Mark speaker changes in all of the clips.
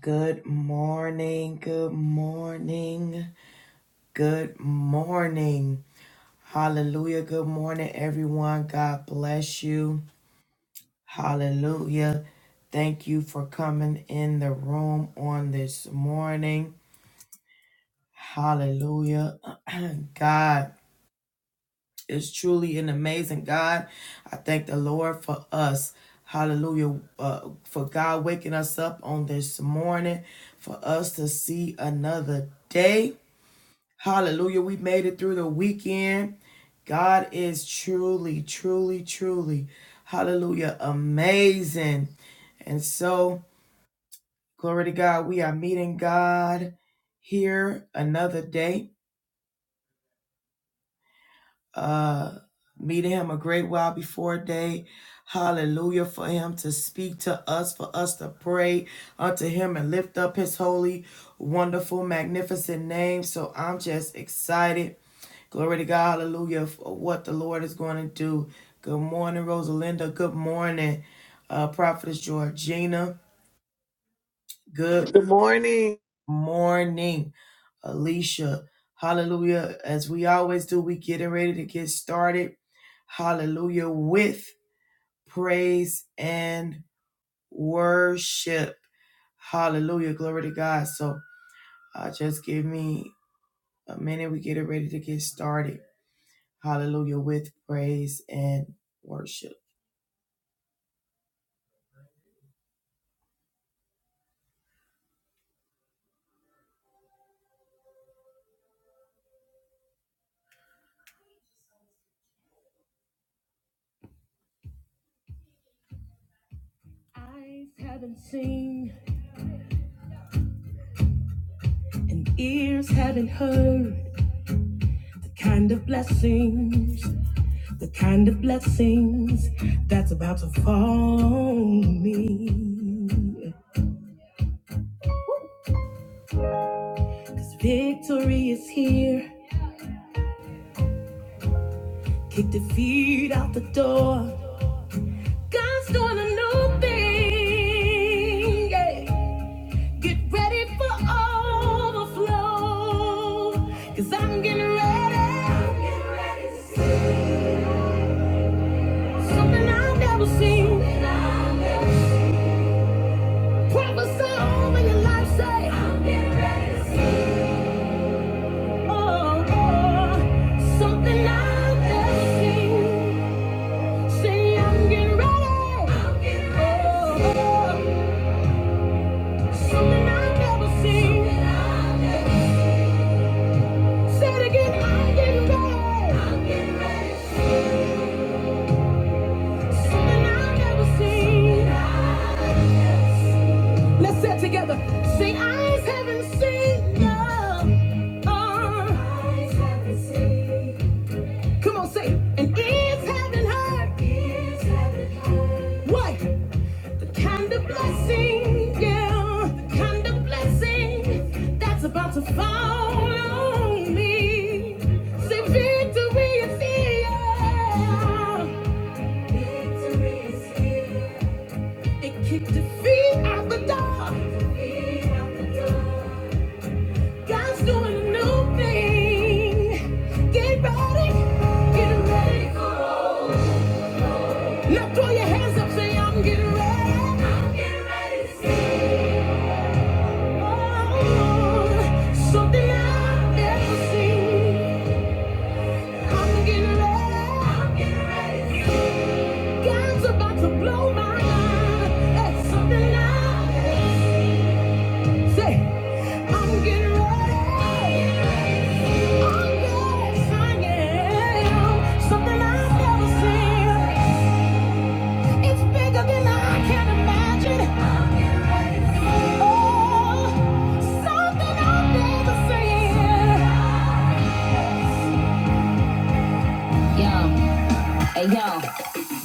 Speaker 1: Good morning. Good morning. Good morning. Hallelujah. Good morning, everyone. God bless you. Hallelujah. Thank you for coming in the room on this morning. Hallelujah. God is truly an amazing God. I thank the Lord for us. Hallelujah. Uh, for God waking us up on this morning, for us to see another day Hallelujah. We made it through the weekend. God is truly, truly, truly, hallelujah, amazing. And so, glory to God, we are meeting God here another day, uh, meeting Him a great while before day. Hallelujah, for Him to speak to us, for us to pray unto Him and lift up His holy, wonderful, magnificent name. So, I'm just excited Glory to God, hallelujah, for what the Lord is going to do. Good morning, Rosalinda. Good morning, uh, Prophetess Georgina. Good
Speaker 2: Good morning.
Speaker 1: morning, Alicia. Hallelujah. As we always do, we getting ready to get started. Hallelujah. With praise and worship. Hallelujah. Glory to God. So uh, just give me a minute. We getting ready to get started. Hallelujah. With praise and worship. Eyes haven't seen and ears haven't heard the kind of blessings, the kind of blessings that's about to fall on me. Cause victory is here, kick defeat out the door. God's doing a new thing. yeah. Get ready for overflow. Cause I'm getting ready. I'm getting ready to see. Something I've never seen. Prophesy over your life, say. I'm getting ready to see. Oh, oh, something I've never seen. Say, I'm getting ready. I'm getting ready Oh, oh, something I've never seen. Say it again, I'm getting ready. I'm getting ready to see. Something I've never seen. Let's say it together. Sing, eyes haven't seen love. Eyes haven't seen. Come on, say, it. and ears haven't heard. Ears haven't heard. What? The kind of blessing, yeah, the kind of blessing that's about to fall on me. Say, victory is here. Victory is here. They kicked the feet out the door. Feet out the door. God's doing a new thing. Get ready. Get ready for it. Now throw your hands up, say I'm getting ready. I'm getting ready to see. Oh, something I've never seen. I'm getting ready. I'm getting ready to see. God's about to blow my mind. That's something I've never seen. yes, Oh, Yeah. Hey yo,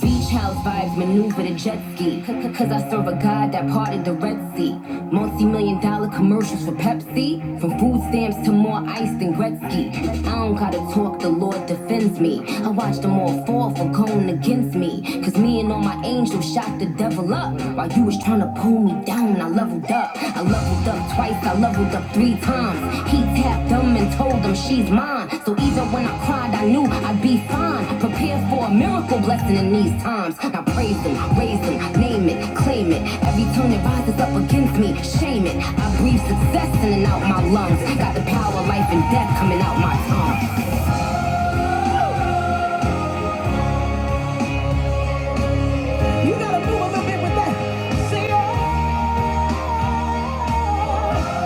Speaker 1: beach house vibes maneuver the jet ski. Cause I serve a god that parted the Red Sea. Multi million dollar commercials for Pepsi. From food stamps to more ice than Gretzky. I don't gotta talk, the Lord defends me. I watch them all fall for going against me. Cause me and all my angels shot the devil up. While you was trying to pull me down, I leveled up. I leveled up twice, I leveled up three times. He tapped them and told them she's mine. So even when I cried, I knew I'd be be fine, prepare for a miracle blessing in these times. I praise him, raise him, name it, claim it. Every turn that rises up against me, shame it. I breathe success in and out my lungs. Got the power, of life and death coming out my tongue. You gotta do a little bit with that. Say, oh, oh.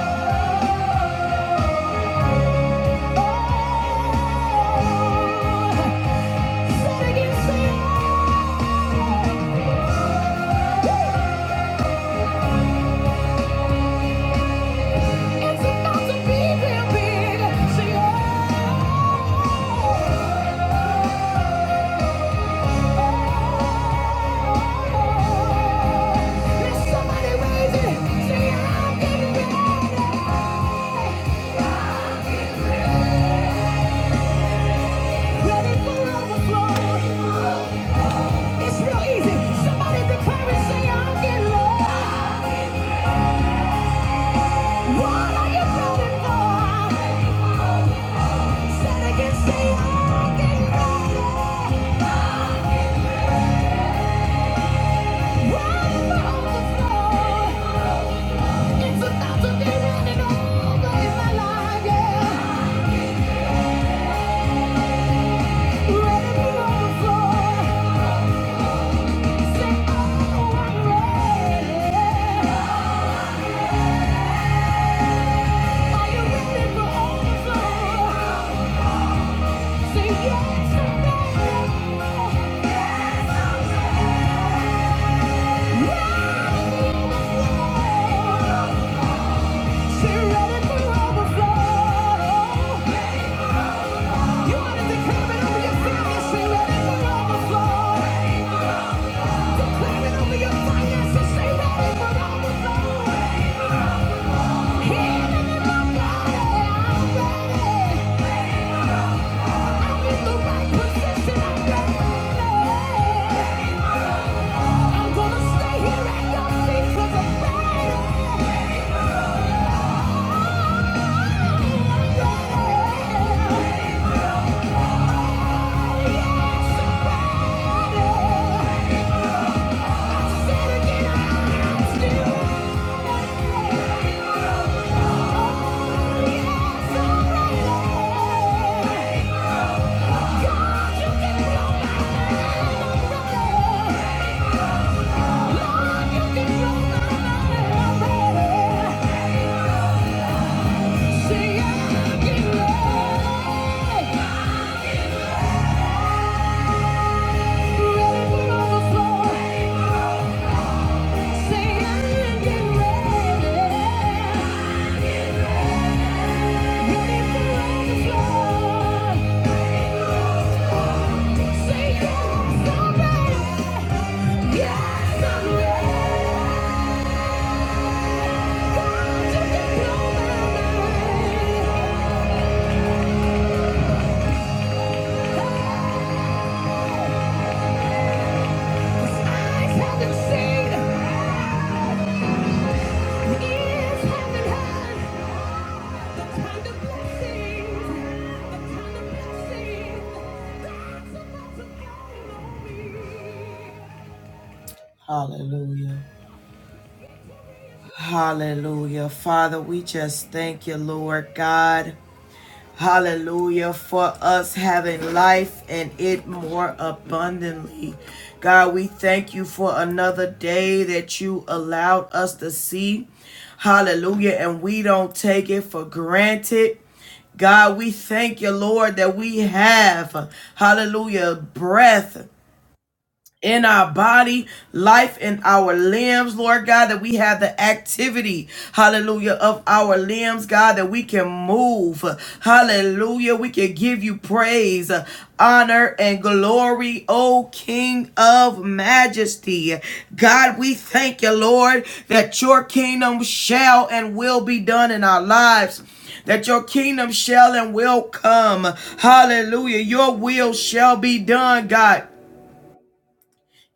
Speaker 1: oh. Say it again, say, oh. oh, oh. It's about to be real big. Say, oh. oh, oh. It's a thousand days running over in my life, yeah. over your finances, Say ready for overflow. Yeah. Yes, I'm ready. God, you can blow my mind. Hallelujah. Hallelujah. Father, we just thank you, Lord God. Hallelujah. For us having life and it more abundantly. God, we thank you for another day that you allowed us to see. Hallelujah. And we don't take it for granted. God, we thank you, Lord, that we have, hallelujah, breath in our body, life in our limbs, Lord God, that we have the activity, hallelujah, of our limbs, God, that we can move, hallelujah, we can give you praise, honor, and glory, O King of Majesty. God, we thank you, Lord, that your kingdom shall and will be done in our lives that your kingdom shall and will come. Hallelujah. Your will shall be done, God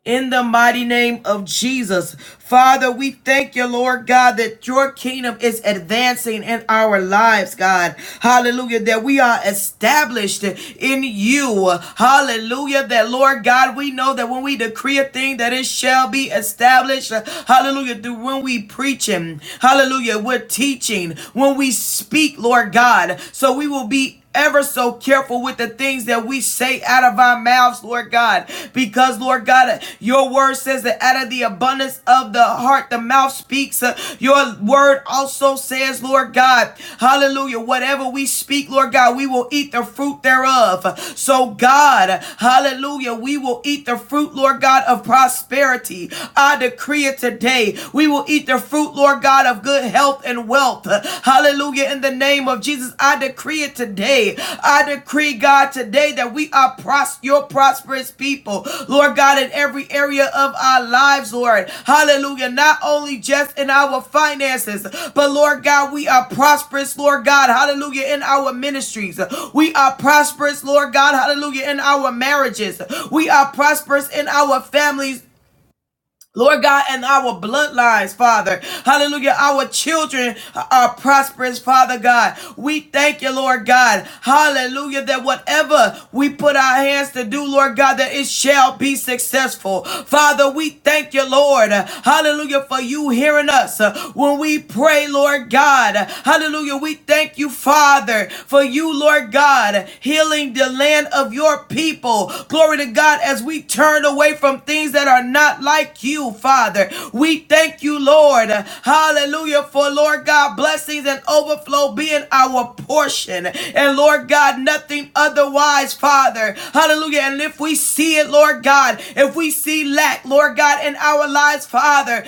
Speaker 1: in the mighty name of Jesus. Father, we thank you, Lord God, that your kingdom is advancing in our lives, God. Hallelujah. That we are established in you. Hallelujah. That, Lord God, we know that when we decree a thing, that it shall be established. Hallelujah. Through when we preach Him. Hallelujah. We're teaching. When we speak, Lord God. So we will be ever so careful with the things that we say out of our mouths, Lord God. Because, Lord God, your word says that out of the abundance of the heart, the mouth speaks. Uh, Your word also says, Lord God, hallelujah, whatever we speak, Lord God, we will eat the fruit thereof. So, God, hallelujah, we will eat the fruit, Lord God, of prosperity. I decree it today. We will eat the fruit, Lord God, of good good health and wealth. Hallelujah. In the name of Jesus, I decree it today. I decree, God, today that we are pros- your prosperous people, Lord God, in every area of our lives, Lord. Hallelujah. Not only just in our finances, but Lord God, we are prosperous, Lord God. Hallelujah. In our ministries, we are prosperous, Lord God. Hallelujah. In our marriages, we are prosperous in our families Lord God, and our bloodlines, Father. Hallelujah. Our children are prosperous, Father God. We thank you, Lord God. Hallelujah. That whatever we put our hands to do, Lord God, that it shall be successful. Father, we thank you, Lord. Hallelujah. For you hearing us uh, when we pray, Lord God. Hallelujah. We thank you, Father. Father, for you, Lord God, healing the land of your people. Glory to God, as we turn away from things that are not like you, Father. We thank you, Lord. Hallelujah, for Lord God, blessings and overflow being our portion. And Lord God, nothing otherwise, Father. Hallelujah. And if we see it, Lord God, if we see lack, lack, Lord God, in our lives, Father.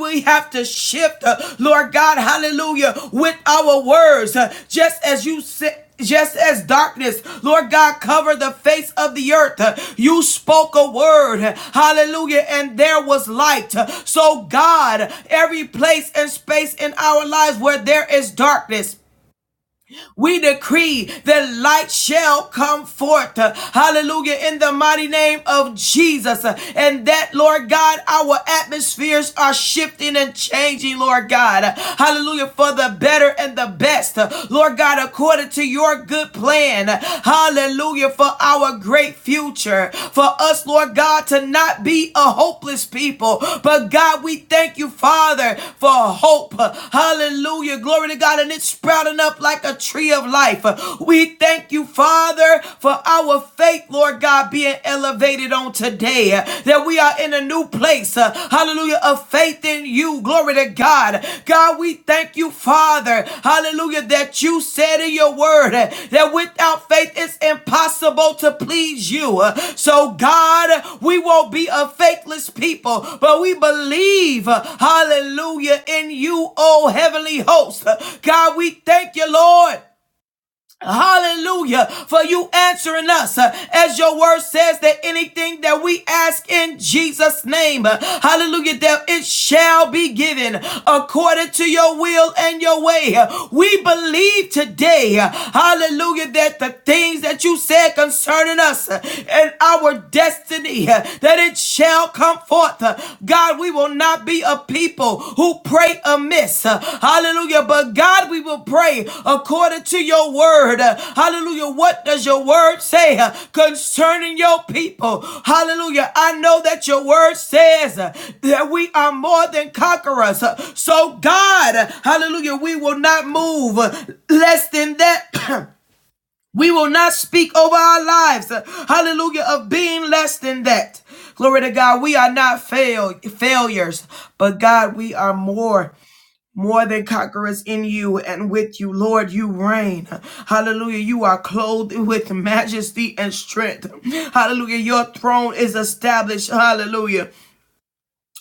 Speaker 1: We have to shift, uh, Lord God, hallelujah, with our words, uh, just as you said just as darkness, Lord God, covered the face of the earth, uh, you spoke a word, hallelujah, and there was light. Uh, So, God, every place and space in our lives where there is darkness, we decree that light shall come forth. uh, Hallelujah. In the mighty name of Jesus. uh, And that, Lord God, our atmospheres are shifting and changing, Lord God. Uh, Hallelujah. For the better and the best. uh, Lord God, according to your good plan. uh, Hallelujah. For our great future. For us, Lord God, to not be a hopeless people. But God, we thank you, Father, for hope. Hallelujah. Glory to God. And it's sprouting up like a tree tree of life. We thank you, Father, for our faith, Lord God, being elevated on today, that we are in a new place, hallelujah, of faith in you. Glory to God. God, we thank you, Father, hallelujah, that you said in your word that without faith it's impossible to please you. So, God, we won't be a faithless people, but we believe, hallelujah, in you, oh heavenly host. God, we thank you, Lord. Hallelujah. For you answering us. uh, As your word says that anything that we ask in Jesus' name, uh, hallelujah, that it shall be given according to your will and your way. Uh, We believe today, uh, hallelujah, that the things that you said concerning us uh, and our destiny, uh, that it shall come forth. Uh, God, we will not be a people who pray amiss. Hallelujah. But God, we will pray according to your word. Hallelujah. What does your word say concerning your people? Hallelujah. I know that your word says that we are more than conquerors. So, God, hallelujah, we will not move less than that. We will not speak over our lives, uh, hallelujah, of being less than that. Glory to God. We are not fail, failures, but God, we are more, more than conquerors in you and with you. Lord, you reign. Hallelujah. You are clothed with majesty and strength. Hallelujah. Your throne is established. Hallelujah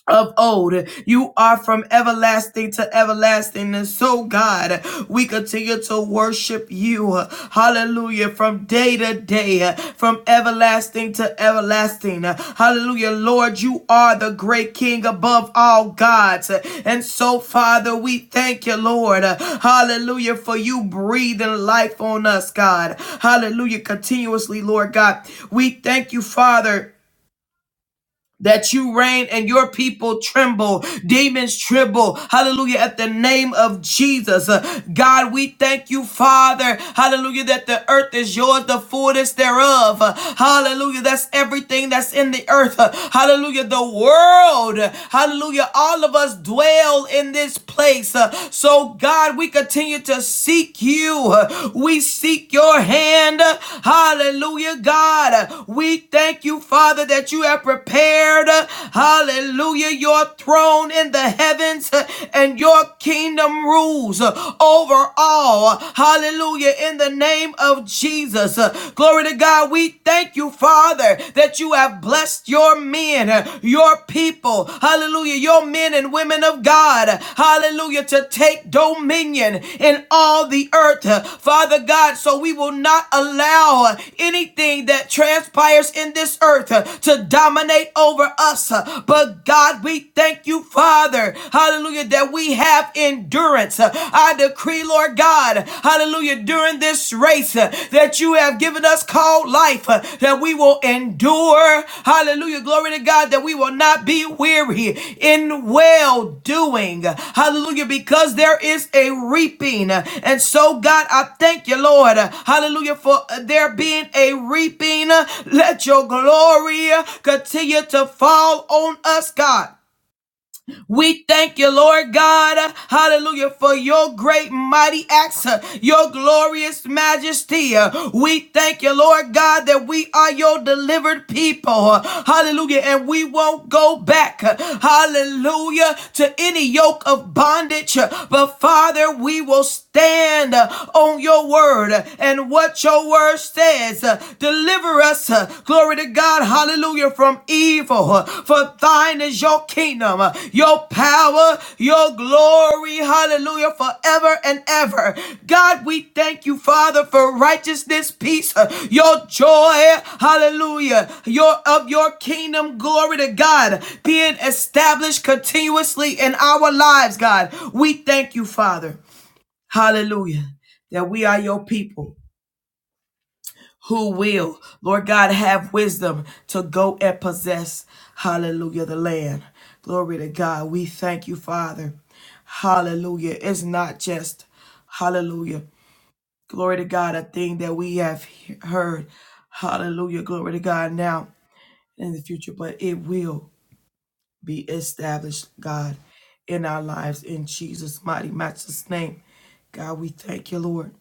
Speaker 1: of old. You are from everlasting to everlasting. And so, God, we continue to worship you. Hallelujah. From day to day, from everlasting to everlasting. Hallelujah. Lord, you are the great King above all gods. And so, Father, we thank you, Lord. Hallelujah. For you breathing life on us, God. Hallelujah. Continuously, Lord God. We thank you, Father that you reign and your people tremble. Demons tremble. Hallelujah. At the name of Jesus. Uh, God, we thank you, Father. Hallelujah. That the earth is yours, the fullness thereof. Uh, Hallelujah. That's everything that's in the earth. Uh, Hallelujah. The world. Uh, Hallelujah. All of us dwell in this place. Uh, So, God, we continue to seek you you. We seek your hand. Hallelujah, God. We thank you, Father, that you have prepared. Hallelujah, your throne in the heavens and your kingdom rules over all. Hallelujah, in the name of Jesus. Glory to God. We thank you, Father, that you have blessed your men, your people people, hallelujah, your men and women of God, hallelujah, to take dominion in all the earth, Father God, so we will not allow anything that transpires in this earth to dominate over us. But God, we thank you, Father, hallelujah, that we have endurance. I decree, Lord God, hallelujah, during this this race uh, that you have given us called life, uh, that we will endure. Hallelujah. Glory to God, that we will not be weary in well doing. Hallelujah. Because there is a reaping. And so, God, I thank you, Lord. Hallelujah. For there being a reaping. Let your glory continue to fall on us, God. We thank you, Lord God, hallelujah, for your great mighty acts, uh, your glorious majesty. Uh, We thank you, Lord God, that we are your delivered people, uh, hallelujah, and we won't go back, uh, hallelujah, to any yoke of bondage, uh, but Father, we will stand stand uh, on your word uh, and what your word says. Uh, Deliver us, uh, glory to God, hallelujah, from evil. Uh, For thine is your kingdom, uh, your power, your glory, hallelujah, forever and ever. God, we thank you, Father, for righteousness, peace, uh, your joy, hallelujah, your of your kingdom, glory to God, being established continuously in our lives, God. We thank you, Father. Hallelujah. That we are your people who will, Lord God, have wisdom to go and possess, hallelujah, the land. Glory to God. We thank you, Father. Hallelujah. It's not just, hallelujah, glory to God, a thing that we have he- heard. Hallelujah. Glory to God now and in the future, but it will be established, God, in our lives in Jesus' mighty, matchless name. God, we thank you, Lord.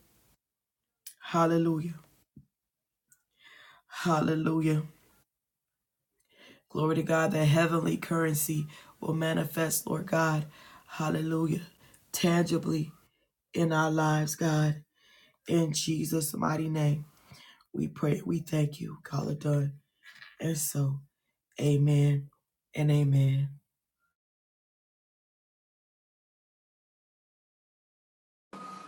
Speaker 1: Hallelujah. Hallelujah. Glory to God. that heavenly currency will manifest, Lord God. Hallelujah. Tangibly in our lives, God. In Jesus' mighty name, we pray. We thank you. Call it done. And so, amen and amen.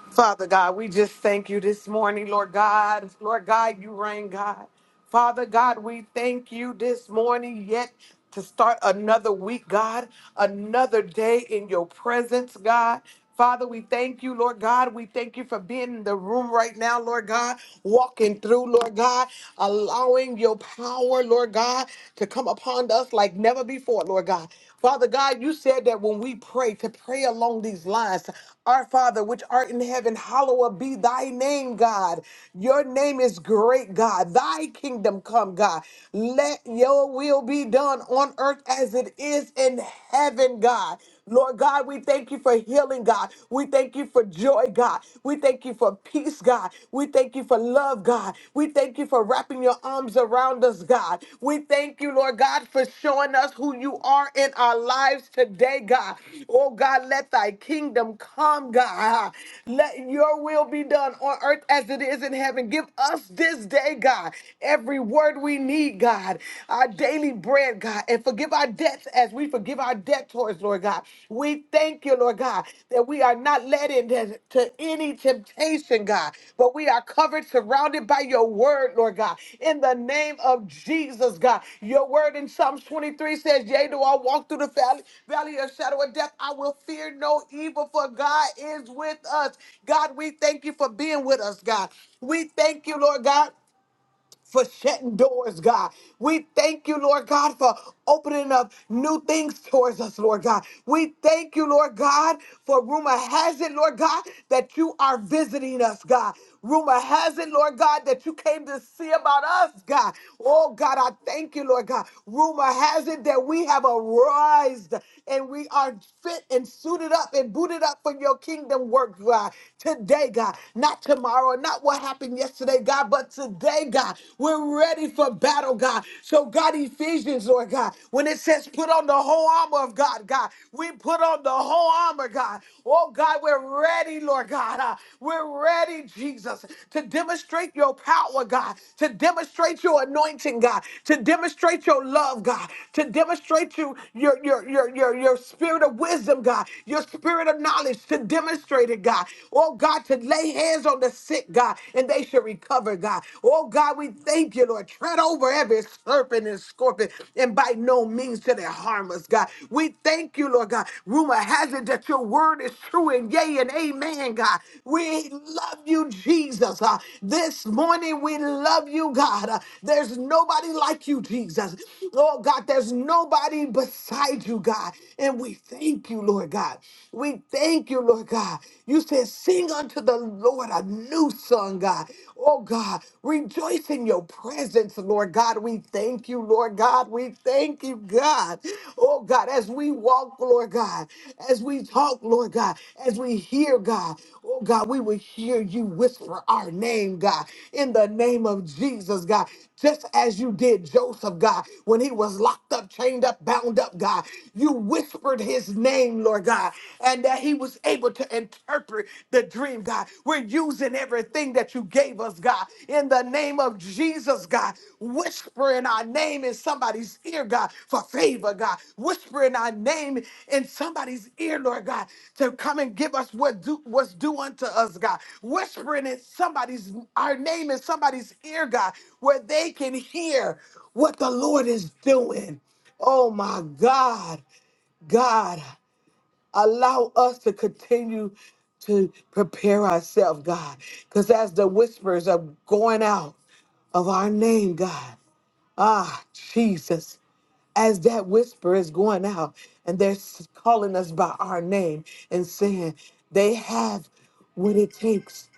Speaker 2: Father God, we just thank you this morning, Lord God. Lord God, you reign, God. Father God, we thank you this morning yet to start another week, God, another day in your presence, God. Father, we thank you, Lord God. We thank you for being in the room right now, Lord God, walking through, Lord God, allowing your power, Lord God, to come upon us like never. never before, Lord God. Father God, you said that when we pray, to pray along these lines, our Father, which art in heaven, hallowed be thy name, God. Your name is great, God. Thy kingdom come, God. Let your will be done on earth as it is in heaven, God. Lord God, we thank you for healing, God. We thank you for joy, God. We thank you for peace, God. We thank you for love, God. We thank you for wrapping your arms around us, God. We thank you, Lord God, for showing us who you are in our lives today, God. Oh, God, let thy kingdom come, God. Let your will be done on earth as it is in heaven. Give us this day, God, every word we need, God. Our daily bread, God, and forgive our debts as we forgive our debtors, Lord God. We thank you, Lord God, that we are not led into to any temptation, God, but we are covered, surrounded by your word, Lord God. In the name of Jesus, God, your word in Psalms 23 says, Yea, do I walk through the valley, valley of shadow of death, I will fear no evil, for God is with us. God, we thank you for being with us, God. We thank you, Lord God for shutting doors, God. We thank you, Lord God, for opening up new things towards us, Lord God. We thank you, Lord God, for rumor has it, Lord God, that you are visiting us, God. Rumor has it, Lord God, that you came to see about us, God. Oh, God, I thank you, Lord God. Rumor has it that we have arisen and we are fit and suited up and booted up for your kingdom work, God. Today, God, not tomorrow, not what happened yesterday yesterday, God, but today, God, we're ready for battle, God. So, God, Ephesians, Lord God, when it says put on the whole armor of God, God, we put on the whole armor, God. Oh, God, we're ready, Lord God. Uh, we're ready, Jesus, to demonstrate your power, God, to demonstrate your anointing, God, to demonstrate your love, God, to demonstrate you, your, your, your, your, your spirit of wisdom, God, your spirit of knowledge, to demonstrate it, God. Oh, God, today lay hands on the sick, God, and they shall recover, God. Oh, God, we thank you, Lord. Tread over every serpent and scorpion, and by no means to they harm us, God. We thank you, Lord God. Rumor has it that your word is true, and yea and amen, God. We love you, Jesus. Uh, this morning, we love you, God. Uh, there's nobody like you, Jesus. Oh, God, there's nobody beside you, God. And we thank you, Lord God. We thank you, Lord God. God. You said, Sing unto the Lord a new song, God. Oh, God, rejoice in your presence, Lord God. We thank you, Lord God. We thank you, God. Oh, God, as we walk, Lord God, as we talk, Lord God, as we hear, God, oh, God, we will hear you whisper our name, God, in the name of Jesus, God. Just as you did Joseph, God, when he was locked up, chained up, bound up, God, you whispered his name, Lord. God, and that he was able to interpret the dream, God. We're using everything that you gave us, God, in the name of Jesus, God. Whisper in our name in somebody's ear, God, for favor, God. Whisper in our name in somebody's ear, Lord God, to come and give us what do, what's due unto us, God. Whispering in somebody's our name in somebody's ear, God, where they can hear what the Lord is doing. Oh my God, God. Allow us to continue to prepare ourselves, God. Because as the whispers are going out of our name, God, ah, Jesus, as that whisper is going out and they're s- calling us by our name and saying they have what it takes,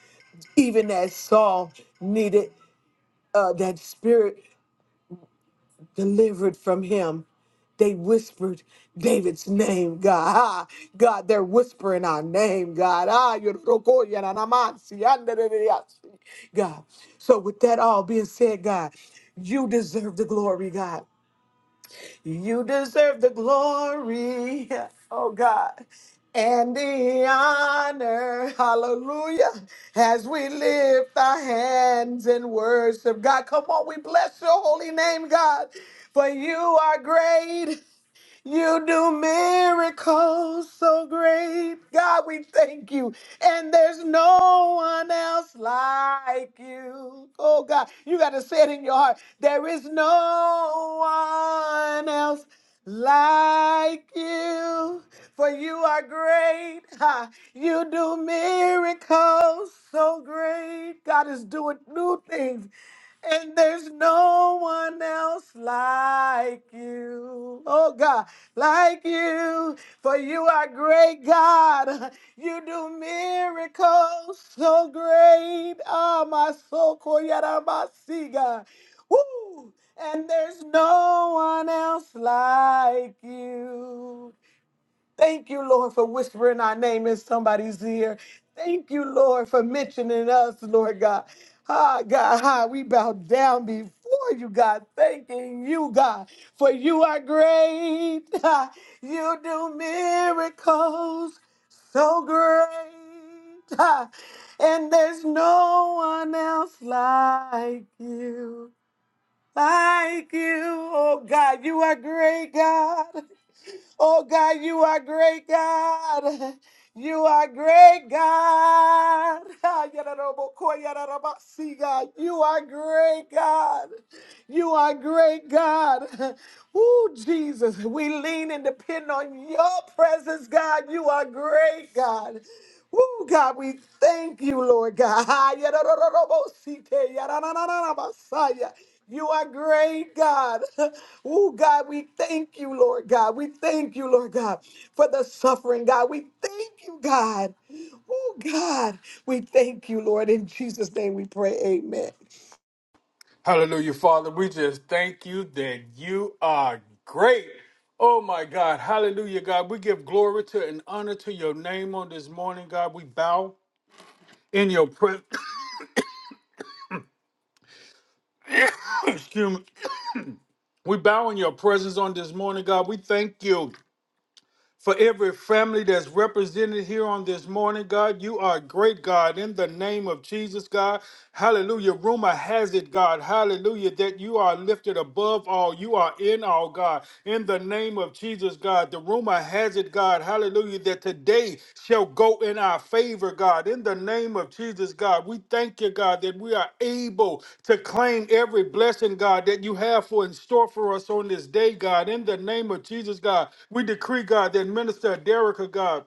Speaker 2: even as Saul needed uh, that spirit. delivered from him. They whispered David's name, God. Ah, God, they're whispering our name, God. Ah, you're Rokoya na namansi, andadadadiyasi, God. So, with that all being said, God, you deserve the glory, God. You deserve the glory, oh God, and the honor. Hallelujah. As we lift our hands in worship, God, come on, we bless your holy name, God, for you are great. You do miracles so great. God, we thank you. And there's no one else like you. Oh, God, you got to say it in your heart. There is no one else like you. For you are great. Ha. You do miracles so great. God is doing new things. And there's no one else like you. Oh God, like you. For you are great God. You do miracles so great. Ah, my soul, Koyarabasi, God. Woo! And there's no one else like you. Thank you, Lord, for whispering our name in somebody's ear. Thank you, Lord, for mentioning us, Lord God. Ah, God, ah, we bow down before you, God, thanking you, God, for you are great. Ah, you do miracles so great. Ah, and there's no one else like you. Like you, oh God, you are great, God. Oh God, you are great, God. You are great, God. Ah, yada da bo ko, yada da ba si, God. You are great, God. You are great, God. Ooh, Jesus, we lean and depend on your presence, God. You are great, God. Ooh, God, we thank you, Lord God. You are great, God. Ooh, God, we thank you, Lord God. We thank you, Lord God, for the suffering, God. We thank you, God. Ooh, God, we thank you, Lord. In Jesus' name we pray, amen.
Speaker 3: Hallelujah, Father. We just thank you that you are great. Oh my God. Hallelujah, God. We give glory to and honor to your name on this morning, God. We bow in your presence. Excuse me. We bow in your presence on this morning, God. We thank you. For every family that's represented here on this morning, God, you are a great, God, in the name of Jesus, God. Hallelujah. Rumor has it, God, hallelujah, that you are lifted above all. You are in all, God, in the name of Jesus, God. The rumor has it, God, hallelujah hallelujah, that today shall go in our favor, God. In the name of Jesus, God, we thank you, God, that we are able to claim every blessing, God, that you have for in store for us on this day, God. In the name of Jesus, God, we decree, God, that Minister Derrick, God,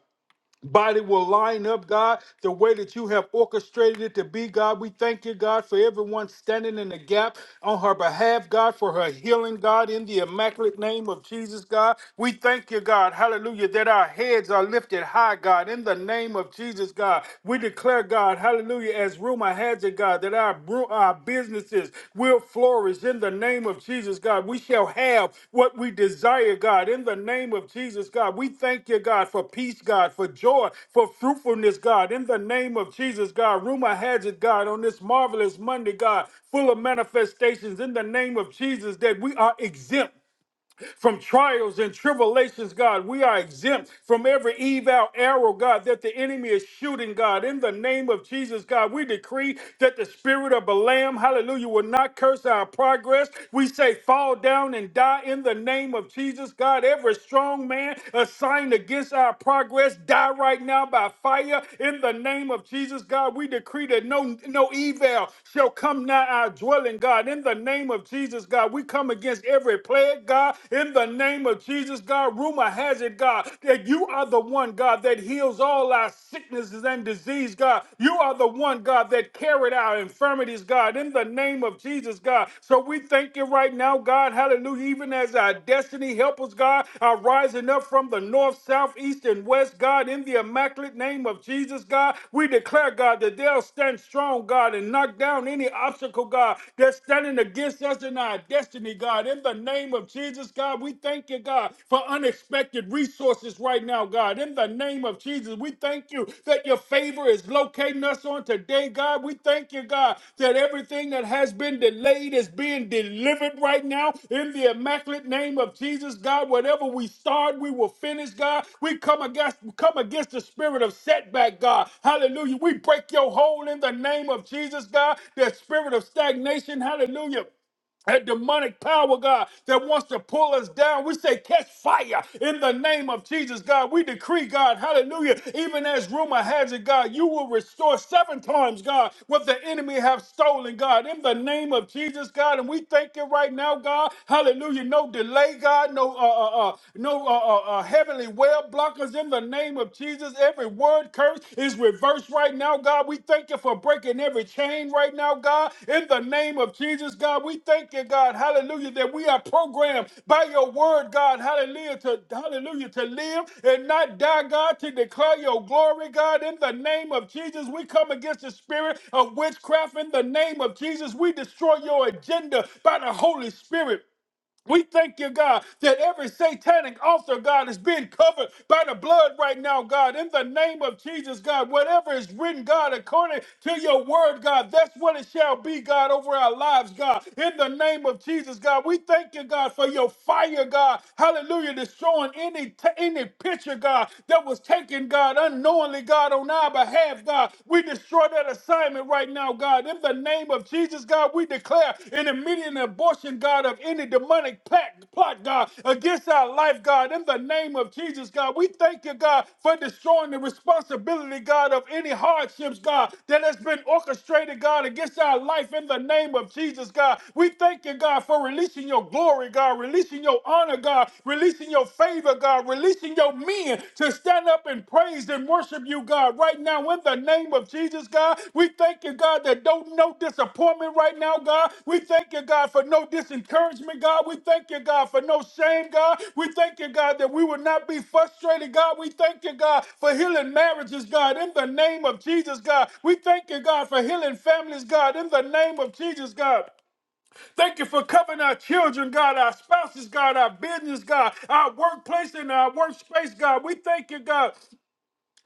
Speaker 3: body will line up, God, the way that you have orchestrated it to be, God. We thank you, God, for everyone standing in the gap on her behalf, God, for her healing, God, in the immaculate name of Jesus, God. We thank you, God, hallelujah, that our heads are lifted high, God, in the name of Jesus, God. We declare, God, hallelujah, as rumor has it, God, that our, bru- our businesses will flourish in the name of Jesus, God. We shall have what we desire, God, in the name of Jesus, God. We thank you, God, for peace, God, for joy, for fruitfulness, God, in the name of Jesus, God. Rumor has it, God, on this marvelous Monday, God, full of manifestations in the name of Jesus, that we are exempt from trials and tribulations, God. We are exempt from every evil arrow, God, that the enemy is shooting, God. In the name of Jesus, God, we decree that the spirit of Balaam, hallelujah, will not curse our progress. We say, fall down and die in the name of Jesus, God. Every strong man assigned against our progress, die right now by fire in the name of Jesus, God. We decree that no, no evil shall come nigh our dwelling, God. In the name of Jesus, God, we come against every declare, it, God, in the name of Jesus, God, rumor has it, God, that you are the one, God, that heals all our sicknesses and disease, God. You are the one, God, that carried our infirmities, God, in the name of Jesus, God. So we thank you right now, God, hallelujah, even as our destiny helpers, God, are rising up from the north, south, east, and west, God, in the immaculate name of Jesus, God. We declare, God, that they'll stand strong, God, and knock down any obstacle, God, that's standing against us in our destiny destiny, God. In the name of Jesus, God, we thank you, God, for unexpected resources right now, God. In the name of Jesus, we thank you that your favor is locating us on today, God. We thank you, God, that everything that has been delayed is being delivered right now. In the immaculate name of Jesus, God, whatever we start, we will finish, God. We come against, come against the spirit of setback, God. Hallelujah. We break your hold in the name of Jesus, God. The spirit of stagnation, hallelujah that demonic power, God, that wants to pull us down. We say, catch fire in the name of Jesus, God. We decree, God, hallelujah. Even as rumor has it, God, you will restore seven times, God, what the enemy have stolen, God, in the name of Jesus, God. And we thank you right now, God, hallelujah. No delay, God, no uh, uh, uh, no uh, uh, uh, heavenly well blockers in the name of Jesus. Every word word curse is reversed right now, God. We thank you for breaking every chain right now, God. In the name of Jesus, God, we thank you, God. Hallelujah, that we are programmed by your word, God. Hallelujah, to hallelujah, to live and not die, God, to declare your glory, God. In the name of Jesus, we come against the spirit of witchcraft. In the name of Jesus, we destroy your agenda by the Holy Spirit. We thank you, God, that every satanic altar, God, is being covered by the blood right now, God. In the name of Jesus, God, whatever is written, God, according to your word, God, that's what it shall be, God, over our lives, God. In the name of Jesus, God, we thank you, God, for your fire, God. Hallelujah, destroying any t- any picture, God, that was taken, God, unknowingly, God, on our behalf, God. We destroy that assignment assignment right now, God. In the name of Jesus, God, we declare an immediate abortion, God, of any demonic pact plot, God, against our life, God. In the name of Jesus, God, we thank you, God, for destroying the responsibility, God, of any hardships, God, that has been orchestrated, God, against our life. In the name of Jesus, God, we thank you, God, for releasing your glory, God, releasing your honor, God, releasing your favor, God, releasing your men to stand up and praise and worship you, God, right now in the name of Jesus, God. We thank you, God, that don't no disappointment right now, God. We thank you, God, for no disencouragement, God. We thank you, God, for no shame, God. We thank you, God, that we will not be frustrated, God. We thank you, God, for healing marriages, God, in the name of Jesus, God. We thank you, God, for healing families, God, in the name of Jesus, God. Thank you for covering our children, God, our spouses, God, our business, God, our workplace and our workspace, God. We thank you, God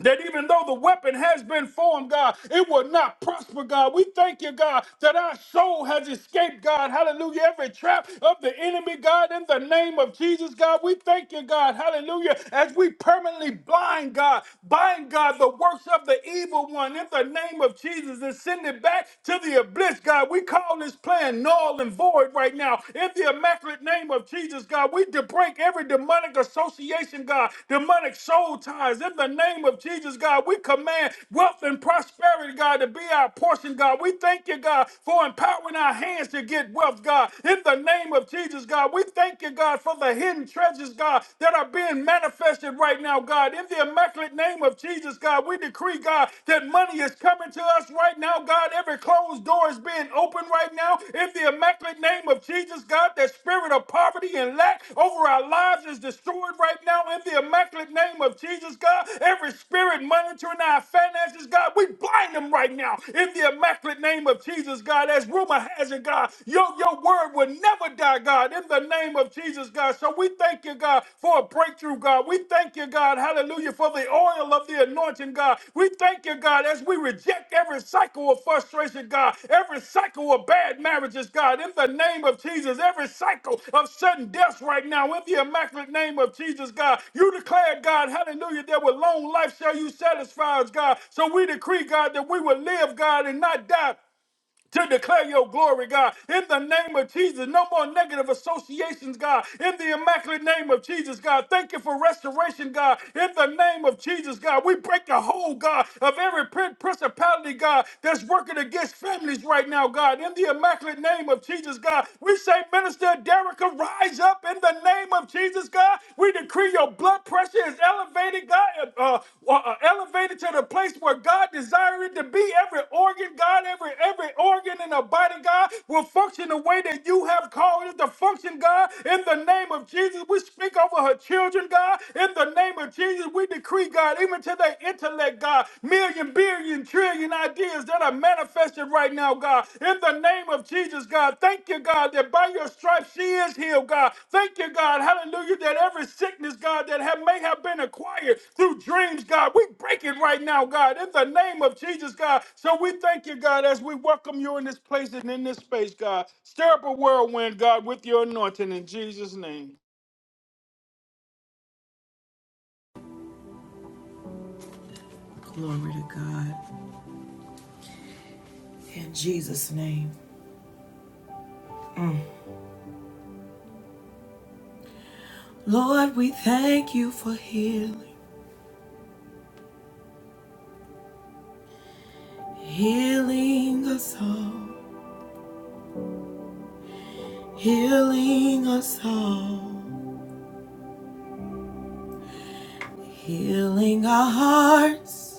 Speaker 3: that even though the weapon has been formed, God, it will not prosper, God. We thank you, God, that our soul has escaped, God. Hallelujah. Every trap of the enemy, God, in the name of Jesus, God, we thank you, God. Hallelujah. As we permanently blind, God, bind, God, the works of the evil one in the name of Jesus and send it back to the abyss, God. We call this plan null and void right now. In the immaculate name of Jesus, God, we de- break every demonic association, God, demonic soul ties. In the name of Jesus, God, we command wealth and prosperity, God, to be our portion, God. We thank you, God, for empowering our hands to get wealth, God. In the name of Jesus, God, we thank you, God, for the hidden treasures, God, that are being manifested right now, God. In the immaculate name of Jesus, God, we decree, God, that money is healing is coming to us right now, God. Every closed door is being opened right now. In the immaculate name of Jesus, God, that spirit of poverty and lack over our lives is destroyed right now. In the immaculate name of Jesus, God, every spirit monitoring our finances, God, we blind them right now. In the immaculate name of Jesus, God, as rumor has it, God, your, your word will never die, God. In the name of Jesus, God. So we thank thank you, God, for a breakthrough, God. We thank you, God, hallelujah, for the oil of the anointing, God. We thank you, God, as we reject every cycle of frustration, God, every cycle of bad marriages, God, in the name of Jesus, every cycle of sudden deaths right now, in the immaculate name of Jesus, God. You declared, God, hallelujah, that with long life shall you satisfy us, God. So we decree, God, that we will live, God, and not die to declare your glory, God. In the name of Jesus, no more negative associations, God. In the immaculate name of Jesus, God. Thank you for restoration, God. In the name of Jesus, God. We break the whole, God, of every prin- principality, God, that's working against families right now, God. In the immaculate name of Jesus, God. We say, Minister Derek, rise up in the name of Jesus, God. We decree your blood pressure is elevated, God, uh, uh, uh, elevated to the place where God desires it to be. Every organ, God, every every organ in the body, God, will function the way that you have called it to function, God. In the name of Jesus, we speak over her children, God. In the name of Jesus, we decree, God, even to their intellect, God, million, billion, trillion ideas that are God, I manifest it right now, God. In the name of Jesus, God, thank you, God, that by your stripes she is healed, God. Thank you, God, hallelujah, that every sickness, God, that have, may have been acquired through dreams, God, we break it right now, God, in the name of Jesus, God. So we thank you, God, as we welcome you in this place and in this space, God. Stir up a whirlwind, God, with your anointing in Jesus' name.
Speaker 1: Glory to God. In Jesus' name. Mm. Lord, we thank you for healing. Healing us all. Healing us all. Healing our hearts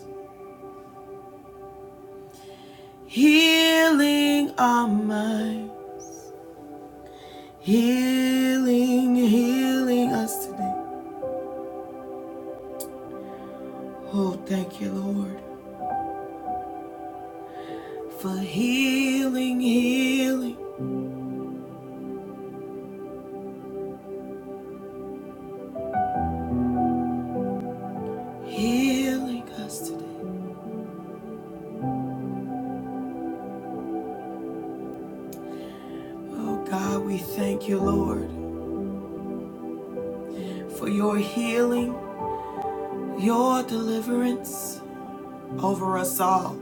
Speaker 1: Healing our mind, healing, healing us today. Oh, thank you, Lord, for healing, healing, healing us today. Oh, God, we thank you, Lord, for your healing, your deliverance over us all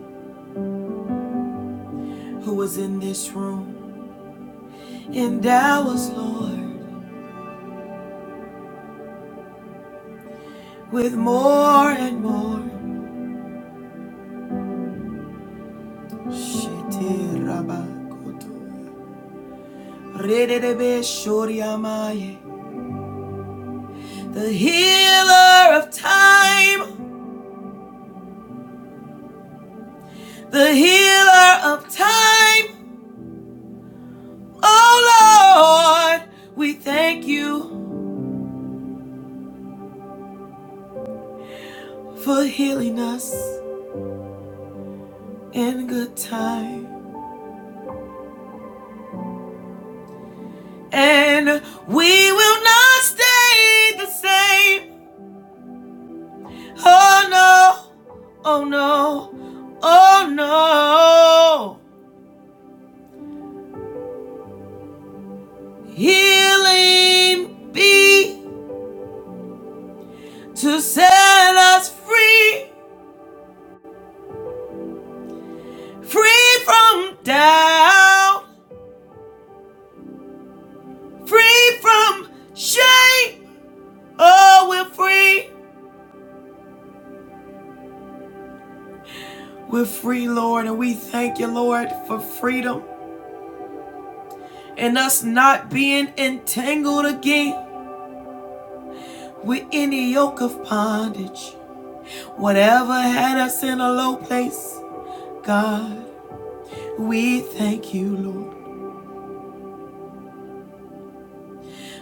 Speaker 1: who was in this room. Endow us, Lord, with more and more. Shetirabakotaya. The healer of time, the healer of time. Oh Lord, we thank you for healing us in good time. And we will not stay the same. Oh no, oh no, oh no. Healing be to set us free. Free from doubt, free from shame. Oh, we're free. We're free, Lord, and we thank you, Lord, for freedom and us not being entangled again with any yoke of bondage. Whatever had us in a low place, God, we thank you, Lord,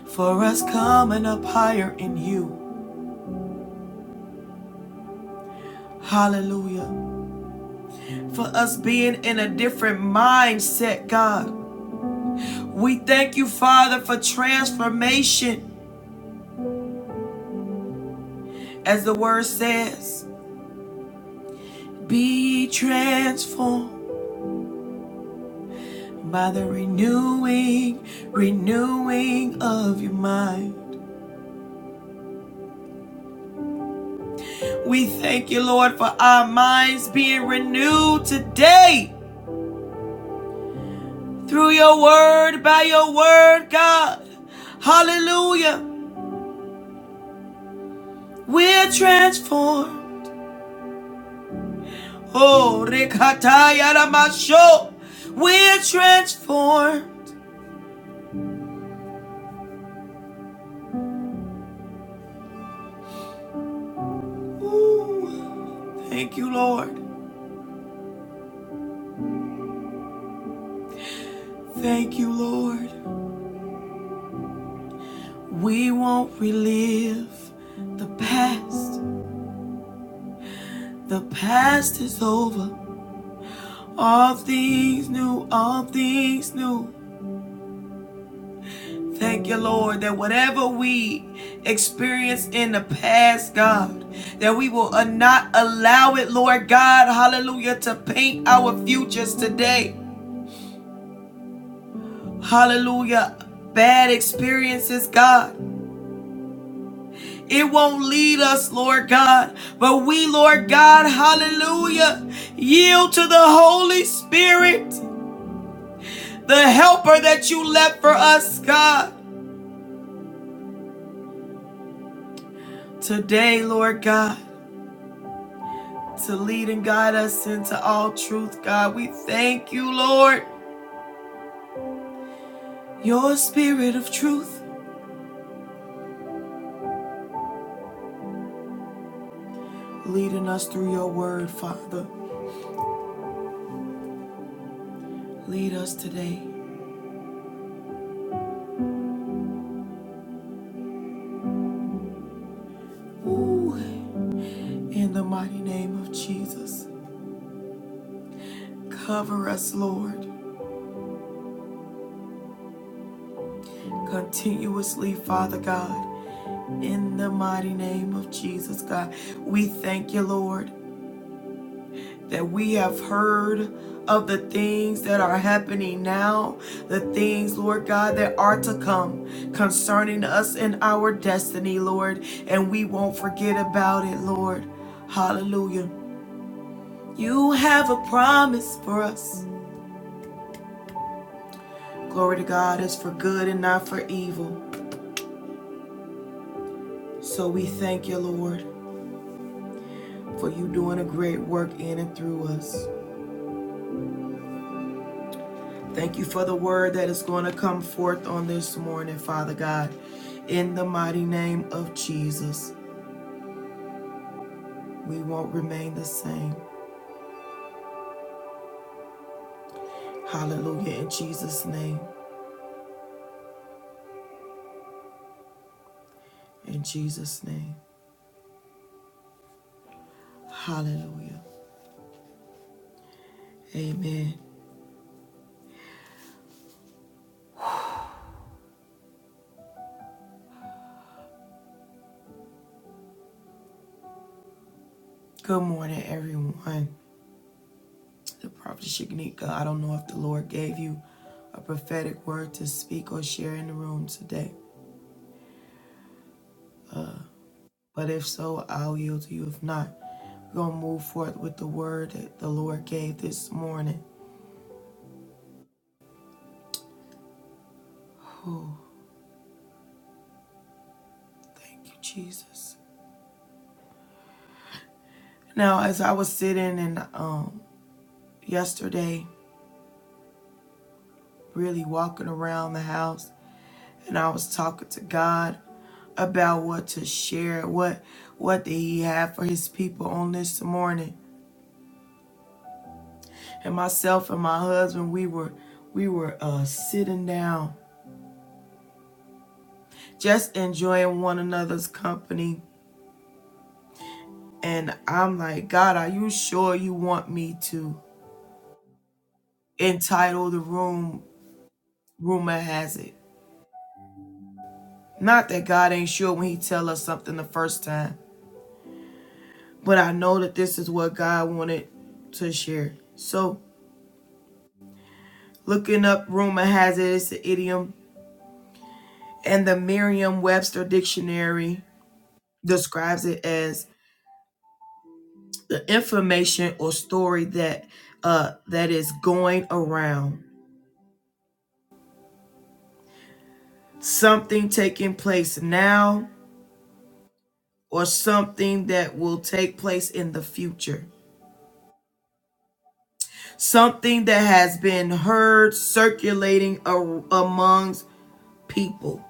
Speaker 1: for us coming up higher in you. Hallelujah. For us being in a different mindset, God. We thank you, Father, for transformation, as the word says. Be transformed by the renewing, renewing of your mind. We thank you, Lord, for our minds being renewed today through your word, by your word, God. Hallelujah. We're transformed. Oh, rekata Rikatayaramasho. We're transformed Ooh, Thank you, Lord. Thank you, Lord. We won't relive the past. The past is over. All things new, all things new. Thank you, Lord, that whatever we experienced in the past, God, that we will uh, not allow it, Lord God, hallelujah, to paint our futures today. Hallelujah. Bad experiences, God. It won't lead us, Lord God. But we, Lord God, hallelujah, yield to the Holy Spirit, the helper that you left for us, God. Today, Lord God, to lead and guide us into all truth, God. We thank you, Lord. Your spirit of truth leading us through your word, Father. Lead us today. Ooh, in the mighty name of Jesus. Cover us, Lord. continuously, Father God, in the mighty name of Jesus, God. We thank you, Lord, that we have heard of the things that are happening now, the things, Lord God, that are to come concerning us and our destiny, Lord, and we won't forget about it, Lord. Hallelujah. You have a promise for us. Glory to God is for good and not for evil. So we thank you, Lord. for you doing a great work in and through us. Thank you for the word that is going to come forth on this morning, Father God. In the mighty name of Jesus, we won't remain the same. Hallelujah. In Jesus' name. In Jesus' name. Hallelujah. Amen. Good morning, everyone. The prophet Shignika, I don't know if the Lord gave you a prophetic word to speak or share in the room today. But if so, I'll yield to you. If not, we're going to move forth with the word that the Lord gave this morning. Oh, thank you, Jesus. Now, as I was sitting and um, yesterday, really walking around the house, and I was talking to God about what to share, what what did He have for His people on this morning. And myself and my husband, we were we were uh, sitting down, just enjoying one another's company And I'm like, God, are you sure you want me to entitle the room Rumor Has It? Not that God ain't sure when he tell us something the first time, but I know that this is what God wanted to share. So looking up Rumor Has It, it's an idiom, and the Merriam-Webster Dictionary describes it as the information or story that uh, that is going around, something taking place now or something that will take place in the future, something that has been heard circulating a- amongst people.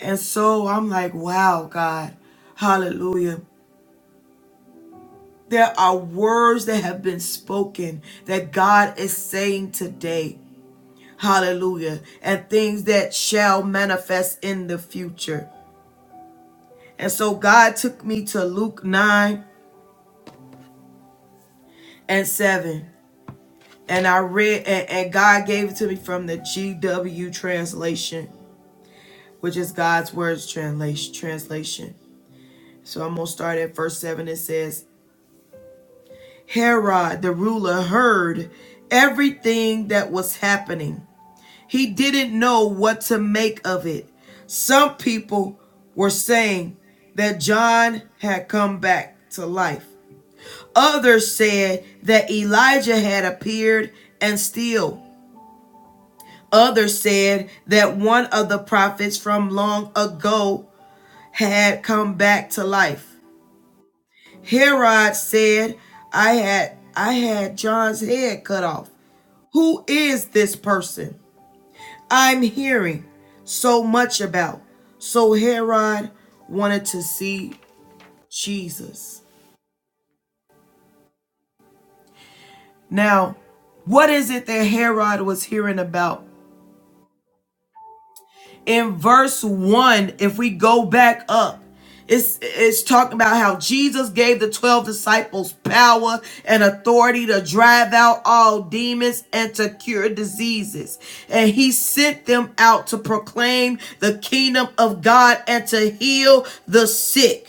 Speaker 1: And so I'm like, wow, God, hallelujah. There are words that have been spoken that God is saying today, hallelujah, and things that shall manifest in the future. And so God took me to Luke 9 and 7. and I read, and, and God gave it to me from the GW translation, which is God's words translation. Translation. So I'm gonna start at verse seven. It says, Herod the ruler heard everything that was happening. He didn't know what to make of it. Some people were saying that John had come back to life. Others said that Elijah had appeared and still Others said that one of the prophets from long ago had come back to life. Herod said, I had I had John's head cut off. Who is this person I'm hearing so much about? So Herod wanted to see Jesus. Now, what is it that Herod was hearing about in verse 1 if we go back up it's it's talking about how Jesus gave the 12 disciples power and authority to drive out all demons and to cure diseases and he sent them out to proclaim the kingdom of God and to heal the sick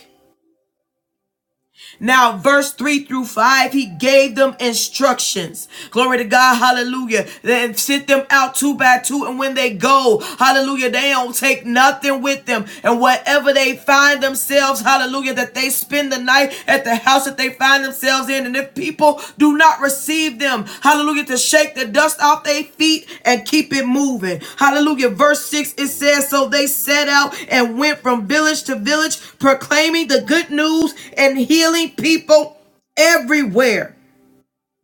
Speaker 1: now, verse 3 through 5, he gave them instructions. Glory to God, hallelujah. Then sent them out two by two, and when they go, hallelujah, they don't take nothing with them. And whatever they find themselves, hallelujah, that they spend the night at the house that they find themselves themselves in. And if people do not receive them, hallelujah, to shake the dust off their feet and keep it moving. Hallelujah. Verse 6 it says, So they set out and went from village to village, proclaiming the good news and healing people everywhere.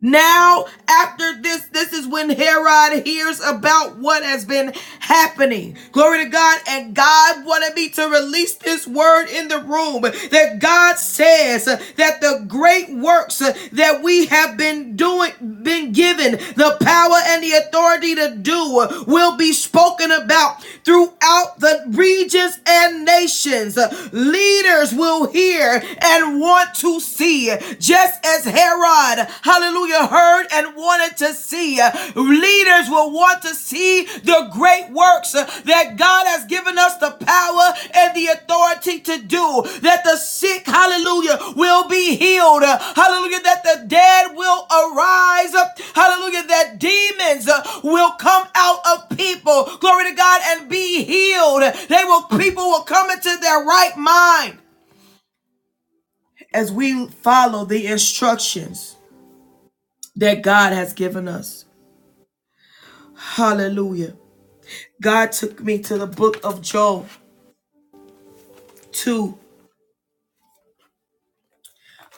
Speaker 1: Now, after this, this is when Herod hears about what has been happening. Glory to God. And God wanted me to release this word in the room that God says that the great works that we have been doing, been given the power and the authority to do will be spoken about throughout the regions and nations. Leaders will hear and want to see see, just as Herod, hallelujah, heard and wanted to see. Leaders will want to see the great works that God has given us the power and the authority to do. That the sick, hallelujah, will be healed. Hallelujah, that the dead will arise. Hallelujah, that demons uh, will come out of people. Glory to God and be healed. They will people will come into their right mind as we follow the instructions that God has given us. Hallelujah. God took me to the book of Job 2,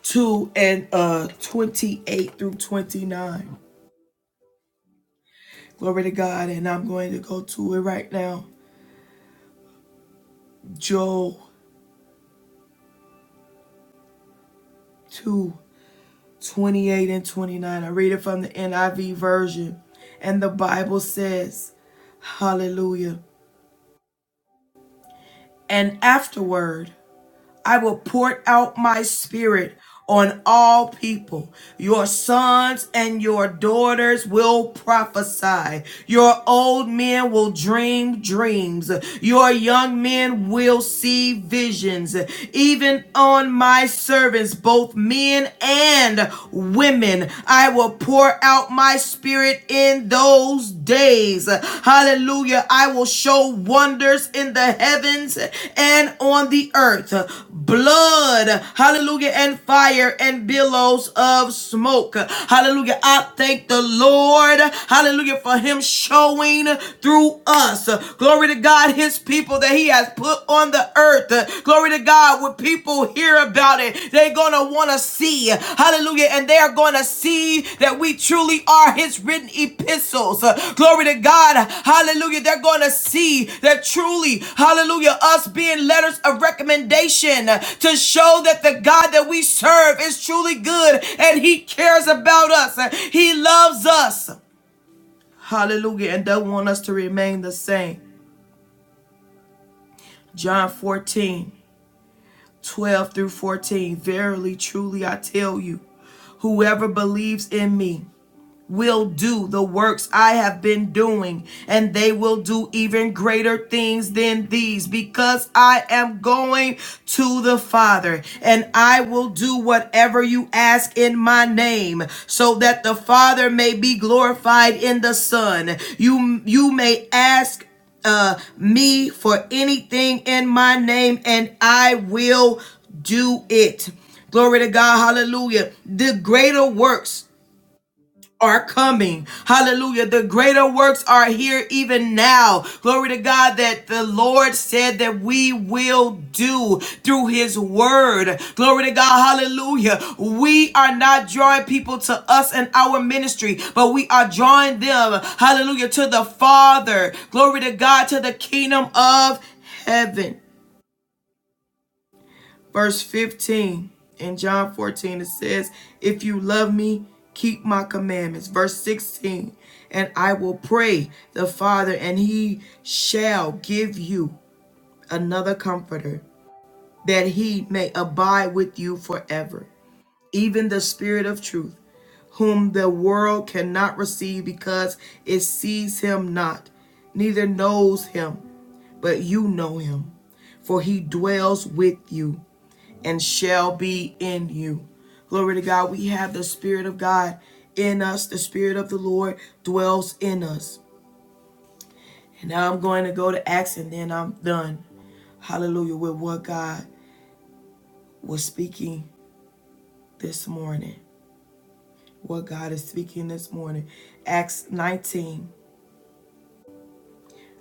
Speaker 1: 2 and uh 28 through 29. Glory to God. And I'm going to go to it right now. Job 2, 28 and 29. I read it from the NIV version. And the Bible says, Hallelujah. And afterward, I will pour out my spirit on all people. Your sons and your daughters will prophesy. Your old men will dream dreams. Your young men will see visions. Even on my servants, both men and women, I will pour out my spirit in in those days. Hallelujah. I will show wonders in the heavens and on the earth. Blood, hallelujah, and fire and billows of smoke. Hallelujah. I thank the Lord, hallelujah, for him showing through us. Glory to God, his people that he has put on the earth. Glory to God. God, when people hear about it, they're going to want to see. Hallelujah. And they are going to see that we truly are His written epistles. Uh, Glory to God. Hallelujah. They're going to see that truly, hallelujah, us being letters of recommendation uh, to show that the God that we serve is truly good and He cares about us. Uh, He loves us. Hallelujah. And don't want us to remain the same. John 14. 12 through 14. Verily, truly, I tell you, whoever believes in me, will do the works I have been doing, and they will do even greater things than these, because I am going to the Father, and I will do whatever you ask in my name, so that the Father may be glorified in the Son. You you may ask uh me for anything in my name, and I will do it. Glory to God, hallelujah. The greater works are coming. Hallelujah. The greater works are here even now. Glory to God that the Lord said that we will do through his word. Glory to God. Hallelujah. We are not drawing people to us and our ministry, but we are drawing them. Hallelujah. To the Father. Glory to God. To the kingdom of heaven. Verse 15 in John 14, it says, If you love me, keep my commandments. Verse 16, and I will pray the Father, and he shall give you another comforter, that he may abide with you forever, even the Spirit of truth whom the world cannot receive because it sees him not, neither knows him, but you know him, for he dwells with you and shall be in you. Glory to God. We have the Spirit of God in us. The Spirit of the Lord dwells in us. And now I'm going to go to Acts and then I'm done. Hallelujah. With what God was speaking this morning. What God is speaking this morning. Acts 19.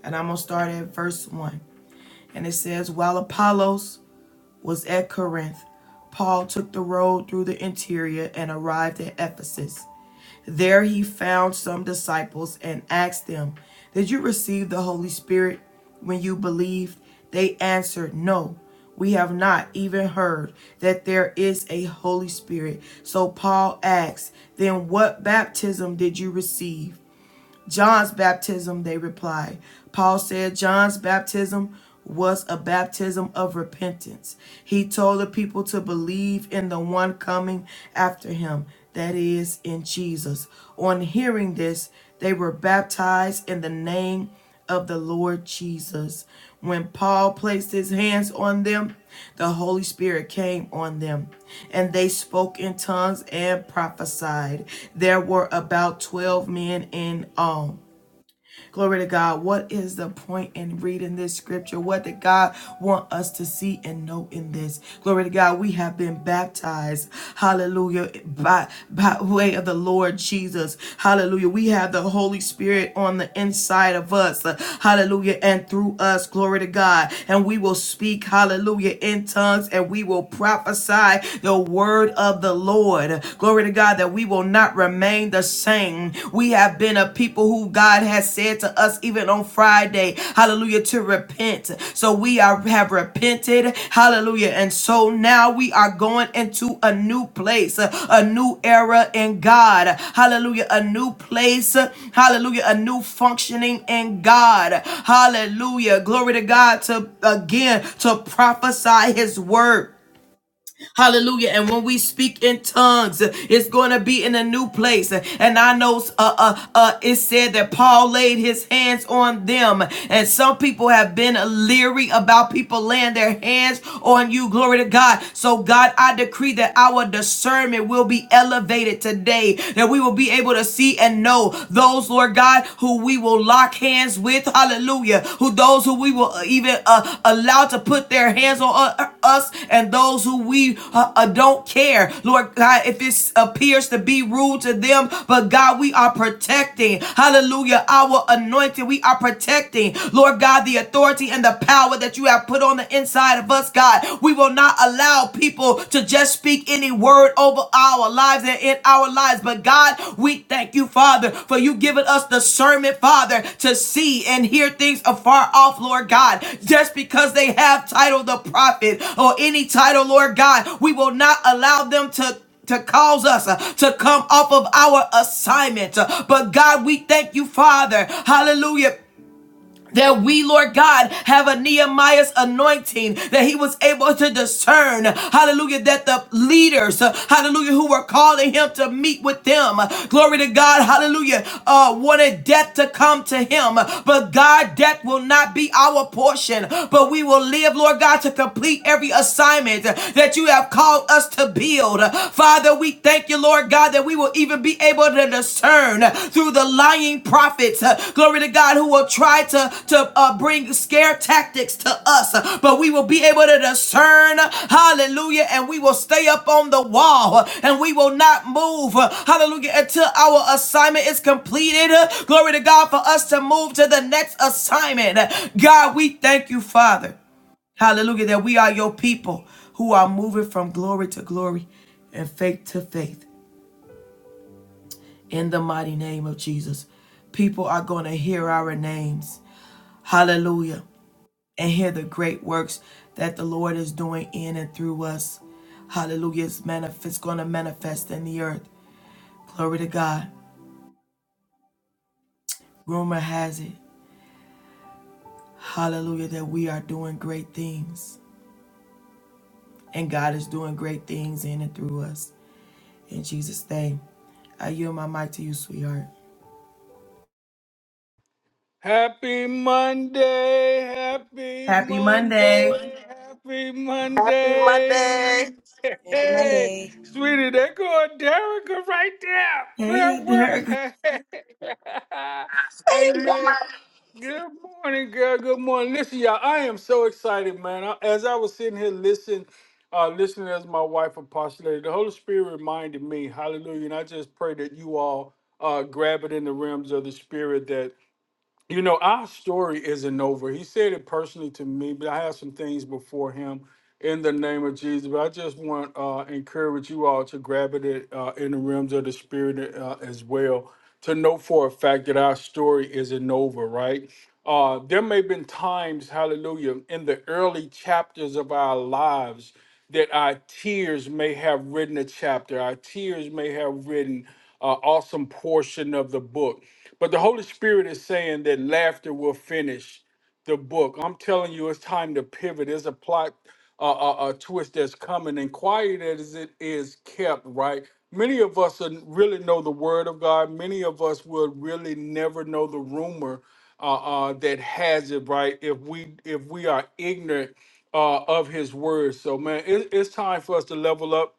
Speaker 1: And I'm going to start at verse 1. And it says, While Apollos was at Corinth, Paul took the road through the interior and arrived at Ephesus. There he found some disciples and asked them, Did you receive the Holy Spirit when you believed? They answered, No, we have not even heard that there is a Holy Spirit. So Paul asked, Then what baptism did you receive? John's baptism, they replied. Paul said John's baptism was a baptism of repentance. He told the people to believe in the one coming after him, that is, in Jesus. On hearing this, they were baptized in the name of the Lord Jesus. When Paul placed his hands on them, the Holy Spirit came on them, and they spoke in tongues and prophesied. There were about 12 men in all. Glory to God. What is the point in reading this scripture? What did God want us to see and know in this? Glory to God. We have been baptized. Hallelujah. By, by way of the Lord Jesus. Hallelujah. We have the Holy Spirit on the inside of us. Hallelujah. And through us. Glory to God. And we will speak. Hallelujah. In tongues and we will prophesy the word of the Lord. Glory to God that we will will not remain the same. We have been a people who God has said to us even on Friday, hallelujah, to repent. So we are have repented, hallelujah. And so now we are going into a new place, a new era in God. Hallelujah, a new place, hallelujah, a new functioning in God. Hallelujah. Glory to God to again to prophesy his word. Hallelujah. And when we speak in tongues, uh, it's going to be in a new place. Uh, And I know uh, uh, uh, it said that Paul laid his hands on them. And some people have been leery about people laying their hands on you. Glory to God. So, God, I decree that our discernment will be elevated today, that we will be able to see and know those, Lord God, who we will lock lock hands with, hallelujah, who those who we will even uh, allow to put their hands on uh, us and those who we uh, uh, don't care. Lord God, if it appears to be rude to them, but God, we are protecting, hallelujah, our anointing. We are protecting, Lord God, the authority and the power that you have put on the inside of us, God. We will not allow people to just speak any word over our lives and in our lives. But God, we thank you, Father, for you giving us discernment, Father, to see and hear things afar off, Lord God. Just because they have title the prophet or any title, Lord God, we will not allow them to to cause us uh, to come off of our assignment. Uh, But God, we thank you, Father. Hallelujah that we, Lord God, have a Nehemiah's anointing, that he was able to discern, hallelujah, that the leaders, uh, hallelujah, who were calling him to meet with them, uh, glory to God, hallelujah, uh, wanted death to come to him. uh, But God, death will not be our portion, but we will live, Lord God, to complete every assignment uh, that you have called us to build. Uh, Father, we thank you, Lord. God, that we will even be able to discern uh, through the lying prophets, uh, glory to God, who will try to, to uh, bring scare tactics to us, uh, but we will be able to discern, uh, hallelujah, and we will stay up on the wall uh, and we will not move, uh, hallelujah, until our assignment is completed. uh, Glory to God for us to move to the next assignment. Uh, God, we thank you, Father, hallelujah, that we are your people who are moving from glory to glory and faith to faith in the mighty name of Jesus. People are going to hear our names. Hallelujah. And hear the great works that the Lord is doing in and through us. Hallelujah. It's, manif- it's going to manifest in the earth. Glory to God. Rumor has it. Hallelujah. That we are doing great things. And God is doing great things in and through us. In Jesus' name. I yield my mic to you, sweetheart.
Speaker 3: Happy Monday, happy
Speaker 1: Happy Monday.
Speaker 3: Monday, happy
Speaker 2: Happy Monday.
Speaker 3: Monday.
Speaker 4: Happy
Speaker 3: Hey,
Speaker 4: Monday.
Speaker 3: sweetie, they go Derrica right there. Prayer
Speaker 1: Hey,
Speaker 3: works.
Speaker 1: Derek.
Speaker 5: Thank
Speaker 3: Amen.
Speaker 5: God.
Speaker 3: Good morning, girl. Good morning. Listen, y'all, I am so excited, man. I- As I was sitting here listening, uh, listening as my wife apostolated, the Holy Spirit reminded me, hallelujah. And I just pray that you all uh, grab it in the realms of the Spirit that you know, our story isn't over. He said it personally to me, but I have some things before him in the name of Jesus. But I just want uh encourage you all to grab it uh, in the realms of the spirit uh, as well to know for a fact that our story isn't over, right? Uh, there may have been times, hallelujah, in the early chapters of our lives that our tears may have written a chapter. Our tears may have written an awesome portion of the book. But the Holy Spirit is saying that laughter will finish the book. I'm telling you, it's time to pivot. There's a plot, a uh, uh, uh, twist that's coming, and quiet as it is kept, right? Many of us are- really know the Word of God. Many of us would really never know the rumor uh, uh, that has it, right? If we if we are ignorant uh, of His Word, so man, it, it's time for us to level up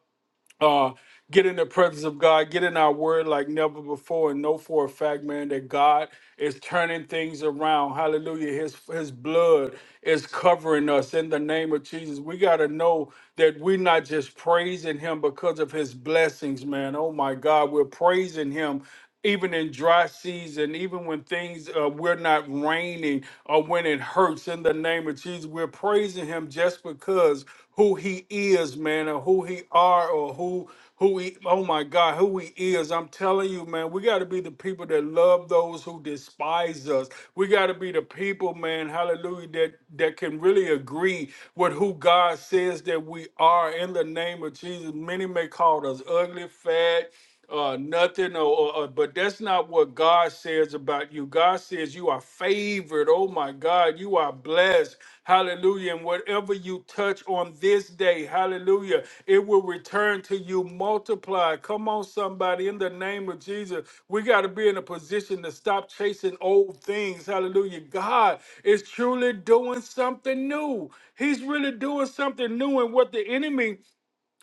Speaker 3: uh get in the presence of God, get in our word like never before, and know for a fact, man, that God is turning things around. Hallelujah. His his blood is covering us in the name of Jesus. We gotta know that we're not just praising him because of his blessings, man. Oh my God, we're praising him even in dry season, even when things uh, we're not raining or when it hurts in the name of Jesus, we're praising him just because who he is, man, or who he are or who who he oh my God, who he is. I'm telling you, man, we gotta be the people that love those who despise us. We gotta be the people, man, hallelujah, that that can really agree with who God says that we are in the name of Jesus. Many may call us ugly, fat uh, nothing, or, or, or- but that's not what God says about you. God says you are favored. Oh my God, you are blessed. Hallelujah. And whatever you touch on this day, hallelujah, it will return to you multiplied. Come on, somebody, in the name of Jesus. We got to be in a position to stop chasing old things. Hallelujah. God is truly doing something new. He's really doing something new. And what the enemy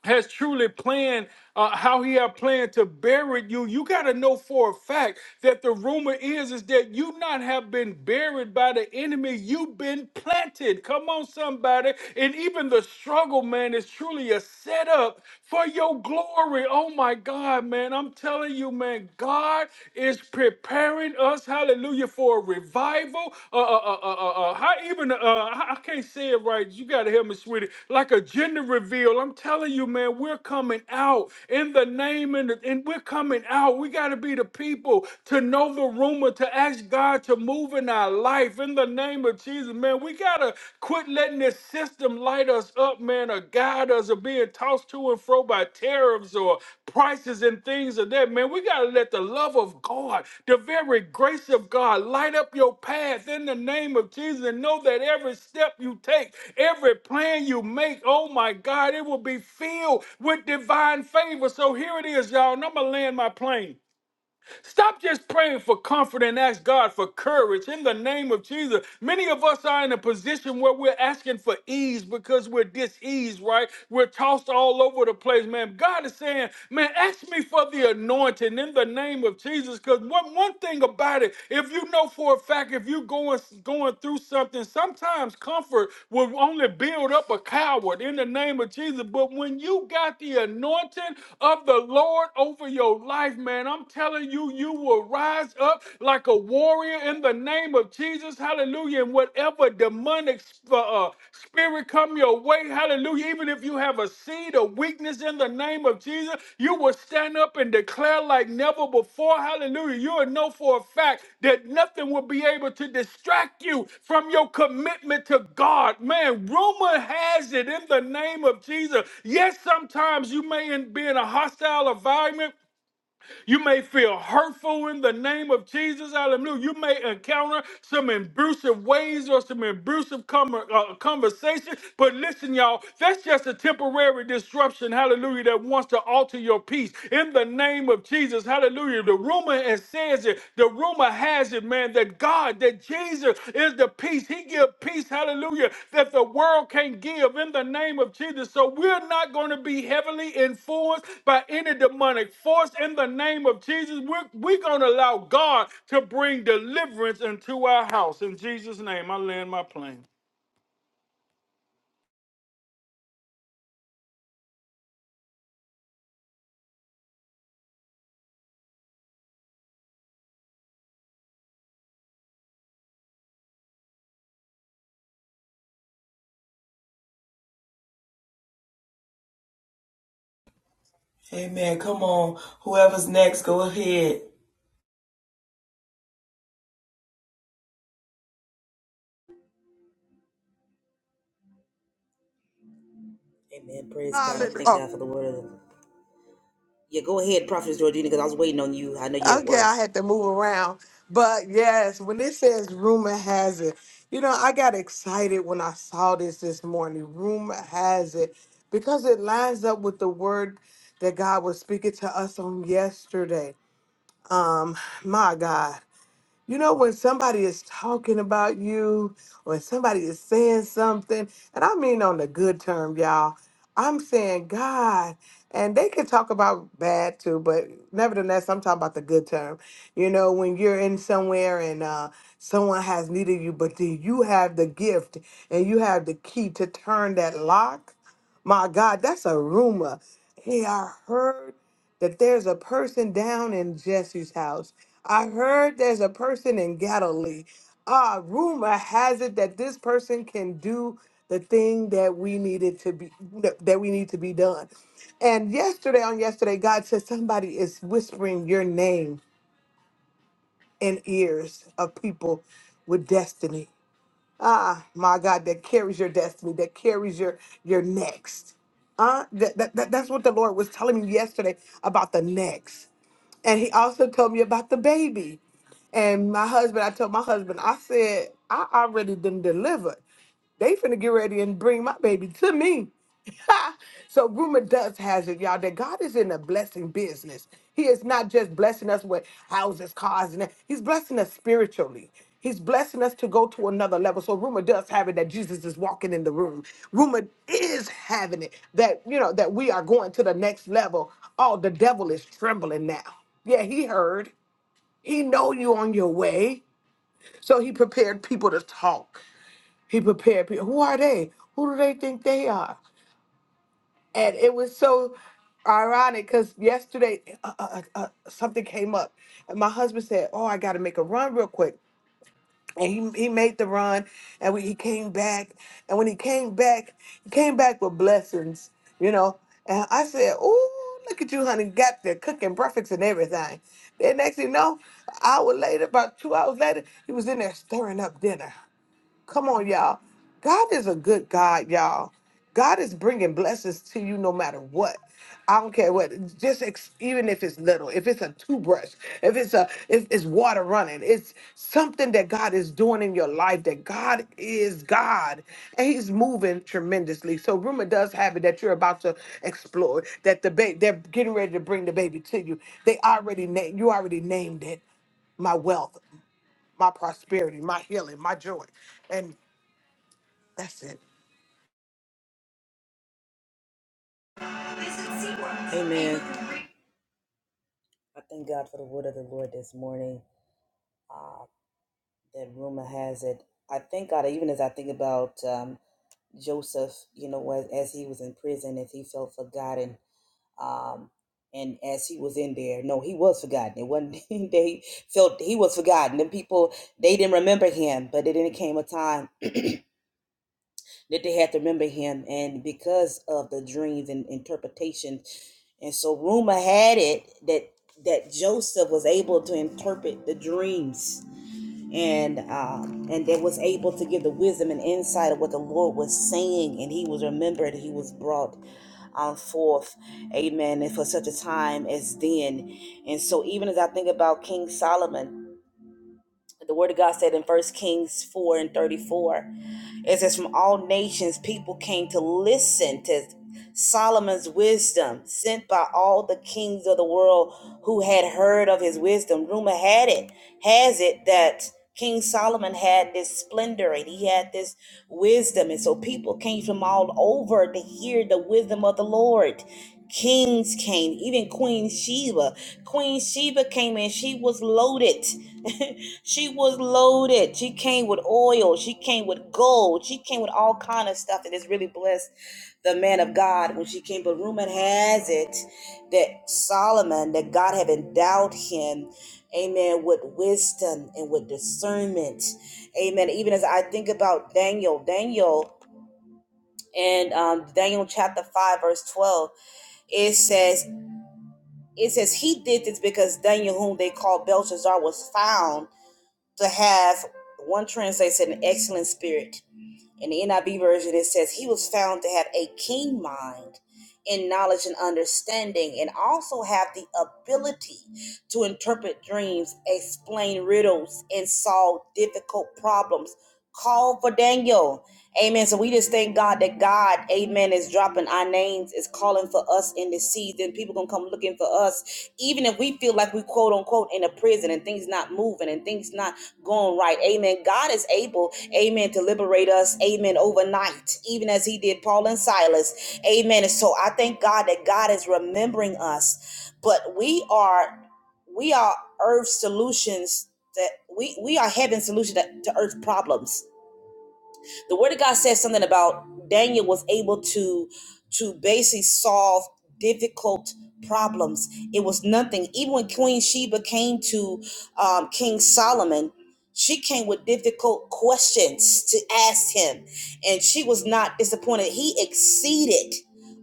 Speaker 3: has truly planned uh, how he had planned to bury you you got to know for a fact that the rumor is is that you not have been buried by the enemy you've been planted come on somebody and even the struggle man is truly a setup for your glory oh my god man i'm telling you man god is preparing us us, hallelujah, for a revival. Uh, uh, uh, uh, uh, uh, how even, uh, I I can't say it right. You got to help me, sweetie. Like a gender reveal. I'm telling you, man, we're coming out in the name and, and we're coming out. We got to be the people to know the rumor, to ask God to move in our life in the name of Jesus, man. We got to quit letting this system light us us up, man, or guide us, or being tossed to and fro by tariffs or prices and things of that, man. We got to let the love of God, the very grace of God, light up your path in the name of Jesus and know that every step you take, every plan you make, oh my God, it will be filled with divine favor. So here it is, y'all, and I'm going to land my plane. Stop just praying for comfort and ask God for courage in the name of Jesus. Many of us are in a position where we're asking for ease because we're diseased, right? We're tossed all over the place, man. God is saying, man, ask me for the anointing in the name of Jesus. Because one, one thing about it, if you know for a fact, if you're going, going through something, sometimes comfort will only build up a coward in the name of Jesus. But when you got the anointing of the Lord over your life, man, man. I'm telling you, you will rise up like a warrior in the name of Jesus. Hallelujah. And whatever demonic uh, uh, spirit come your way, hallelujah. Even if you have a seed of weakness in the name of Jesus, you will stand up and declare like never before. Hallelujah. You will know for a fact that nothing will be able to distract you from your commitment to God. Man, rumor has it in the name of Jesus. Yes, sometimes you may be in a hostile environment. You may feel hurtful in the name of Jesus. Hallelujah. You may encounter some abusive ways or some abusive com- uh, conversation. But listen, y'all, that's just a temporary disruption. Hallelujah. That wants to alter your peace in the name of Jesus. Hallelujah. The rumor has says it. The rumor has it, man that, man, that God, that Jesus is the peace. He give peace, hallelujah, that the world can't give in the name of Jesus. So we're not going to be heavily influenced by any demonic force in the name of Jesus. We're, we're going to allow God to bring deliverance into our house. In Jesus' name, I land my plane.
Speaker 1: Amen. Come on. Whoever's next, go ahead.
Speaker 4: Amen. Praise God. I
Speaker 2: Hallelujah.
Speaker 4: thank
Speaker 2: Oh,
Speaker 4: God for the word. of Yeah, go ahead, Prophetess Georgina, because I was waiting on you. I know you're at
Speaker 2: okay,
Speaker 4: work.
Speaker 2: I had to move around. But yes, when it says rumor has it, you know, I got excited when I saw this this morning. Rumor has it because it lines up with the word that God was speaking to us on yesterday. Um, my God. You know, when somebody is talking about you, when somebody is saying something, and I mean on the good term, y'all, I'm saying God. And they can talk about bad too, but nevertheless, I'm talking about the good term. You know, when you're in somewhere and uh, someone has needed you, but then you have the gift and you have the key to turn that lock my God, that's a rumor. Hey, I heard that there's a person down in Jesse's house. I heard there's a person in Galilee. Ah, rumor has it that this person can do the thing that we needed to be that we need to be done. And yesterday on yesterday, God said somebody is whispering your name in ears of people with destiny. Ah, my God, that carries your destiny, that carries your your next. Uh, that, that, that- that's what the Lord was telling me yesterday about the next. And he also told me about the baby. And my husband, I told my husband, I said, I already done delivered. They finna get ready and bring my baby to me. so rumor does has it, y'all, that God is in the blessing business. He is not just blessing us with houses, cars, and that. He's blessing us spiritually. He's blessing us to go to another level. So rumor does have it that Jesus is walking in the room. Rumor is having it that you know that we are going to the next level. Oh, the devil is trembling now. Yeah, he heard. He know you on your way. So he prepared people to talk. He prepared people. Who are they? Who do they think they are? And it was so ironic because yesterday uh, uh, uh, uh, something came up, and my husband said, "Oh, I got to make a run real quick." And he, he made the run, and we, he came back. And when he came back, he came back with blessings, you know. And I said, "Oh, look at you, honey! Got the cooking breakfast and everything." Then next thing you know, an hour later, about two hours later, he was in there stirring up dinner. Come on, y'all. God is a good God, y'all. God is bringing blessings to you no matter what. I don't care what, just ex- even if it's little, if it's a toothbrush, if it's a, if it's water running, it's something that God is doing in your life. That God is God, and He's moving tremendously. So rumor does have it that you're about to explore that the baby. They're getting ready to bring the baby to you. They already named you. Already named it my wealth, my prosperity, my healing, my joy. That's it.
Speaker 4: Amen. I thank God for the word of the Lord this morning. Uh, that rumor has it. I thank God, even as I think about um, Joseph, you know, as, as he was in prison, as he felt forgotten, um, and as he was in there, no, he was forgotten. It wasn't they felt he was forgotten. The people they didn't remember him, but then it came a time that they had to remember him and because of the dreams and interpretation and so rumor had it that that joseph was able to interpret the dreams and um and that was able to give the wisdom and insight of what the lord was saying and he was remembered he was brought um, forth amen and for such a time as then and so even as i think about king solomon the word of God said in First Kings 4 and 34, it says, From all nations, people came to listen to Solomon's wisdom, sent by all the kings of the world who had heard of his wisdom. Rumor had it, has it, that King Solomon had this splendor and he had this wisdom. And so people came from all over to hear the wisdom of the Lord. Kings came, even Queen Sheba. Queen Sheba came and She was loaded. she was loaded. She came with oil. She came with gold. She came with all kind of stuff. And it's really blessed the man of God when she came. But rumor has it that Solomon, that God had endowed him, amen, with wisdom and with discernment. Amen. Even as I think about Daniel, Daniel and um, Daniel chapter 5, verse 12 it says it says he did this because Daniel, whom they called Belshazzar, was found to have one translation an excellent spirit in the NIV version, it says he was found to have a keen mind in knowledge and understanding, and also have the ability to interpret dreams, explain riddles, and solve difficult problems. Call for Daniel. Amen. So we just thank God that God, amen, is dropping our names, is calling for us in this season. People gonna come looking for us, even if we feel like we quote unquote in a prison and things not moving and things not going right. Amen. God is able, amen, to liberate us, amen, overnight, even as he did Paul and Silas. Amen. And so I thank God that God is remembering us. But we are we are earth solutions that we we are heaven solution that, to earth problems the word of God says something about Daniel was able to to basically solve difficult problems. It was nothing. Even when Queen Sheba came to um, King Solomon, she came with difficult questions to ask him, and she was not disappointed. He exceeded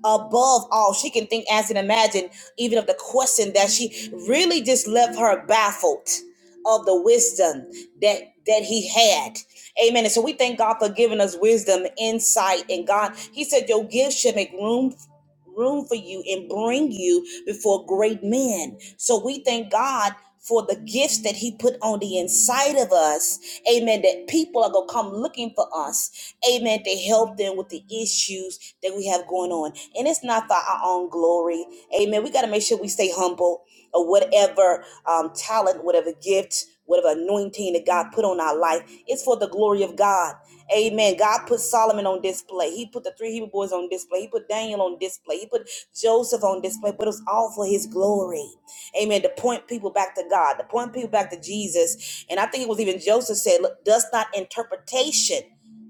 Speaker 4: above all she can think, as and imagine, even of the question that she really just left her baffled of the wisdom that that he had. Amen. And so we thank God for giving us wisdom, insight, and God, he said, Your gifts should make room room for you and bring you before great men. So we thank God for the gifts that he put on the inside of us. Amen. That people are going to come looking for us. Amen. To help them with the issues that we have going on. And it's not for our own glory. Amen. We got to make sure we stay humble or whatever um, talent, whatever gift, whatever anointing that God put on our life. It's for the glory of God. Amen. God put Solomon on display. He put the three Hebrew boys on display. He put Daniel on display. He put Joseph on display. But it was all for his glory. Amen. To point people back to God, to point people back to Jesus. And I think it was even Joseph said, Look, does not interpretation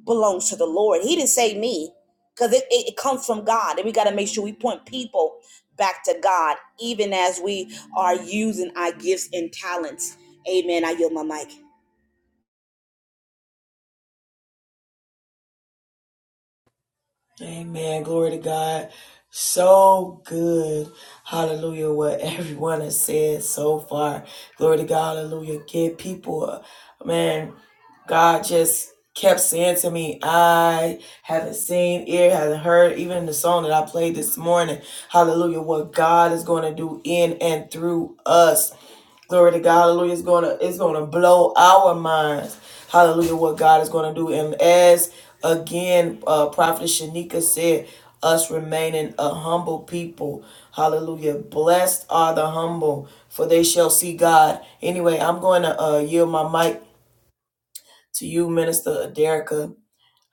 Speaker 4: belongs to the Lord? He didn't say me, because it, it, it comes from God. And we got to make sure we point people back to God, even as we are using our gifts and talents. Amen. I yield my mic.
Speaker 1: Amen. Glory to God. So good. Hallelujah. What everyone has said so far. Glory to God. Hallelujah. Get people. uh, Man, God just kept saying to me, I haven't seen, ear hasn't heard, even in the song that I played this morning. Hallelujah. What God is going to do in and through us. Glory to God. Hallelujah. It's gonna it's gonna blow our minds. Hallelujah. What God is gonna do. And as again, uh Prophet Shanika said, us remaining a humble people. Hallelujah. Blessed are the humble, for they shall see God. Anyway, I'm going to uh yield my mic to you, Minister Aderica.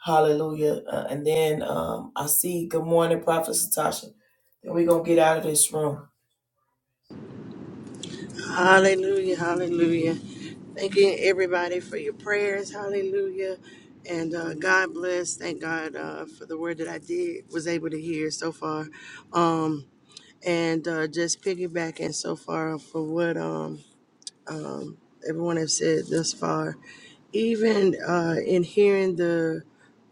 Speaker 1: Hallelujah. Uh, and then um I see good morning, Prophet Satasha. Then we're gonna get out of this room.
Speaker 5: Hallelujah. Hallelujah. Thanking everybody for your prayers. Hallelujah. And uh, God bless. Thank God uh, for the word that I did was able to hear so far. Um, and uh, just piggybacking so far for what um, um, everyone has said thus far. Even uh, in hearing the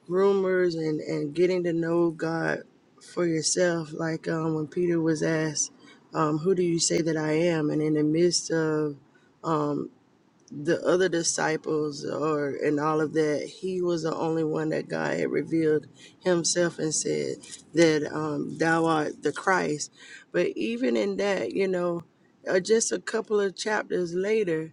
Speaker 5: rumors and, and getting to know God for yourself, like um, when Peter was asked, um, Who do you say that I am? And in the midst of um, the other disciples or and all of that, he was the only one that God had revealed himself and said that um, thou art the Christ. But even in that, you know, uh, just a couple of chapters later.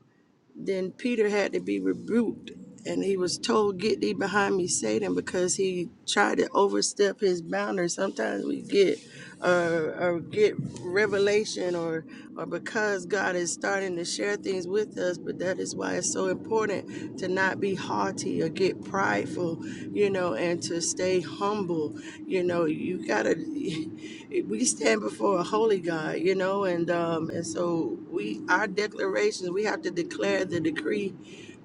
Speaker 5: Then Peter had to be rebuked, and he was told, Get thee behind me, Satan, because he tried to overstep his boundaries. Sometimes we get or, or get revelation or or because God is starting to share things with us, but that is why it's so important to not be haughty or get prideful, you know, and to stay humble. You know, you gotta we stand before a holy God, you know, and um, and so we our declarations we have to declare the decree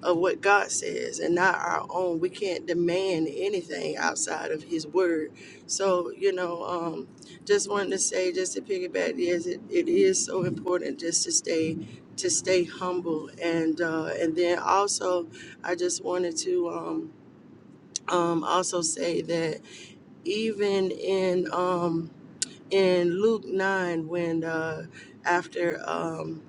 Speaker 5: of what God says and not our own. We can't demand anything outside of His word. So you know, um, just wanted to say, just to piggyback, yes, it, it is so important just to stay to stay humble and uh, and then also I just wanted to um, um, also say that even in um, in Luke 9 when uh, after um,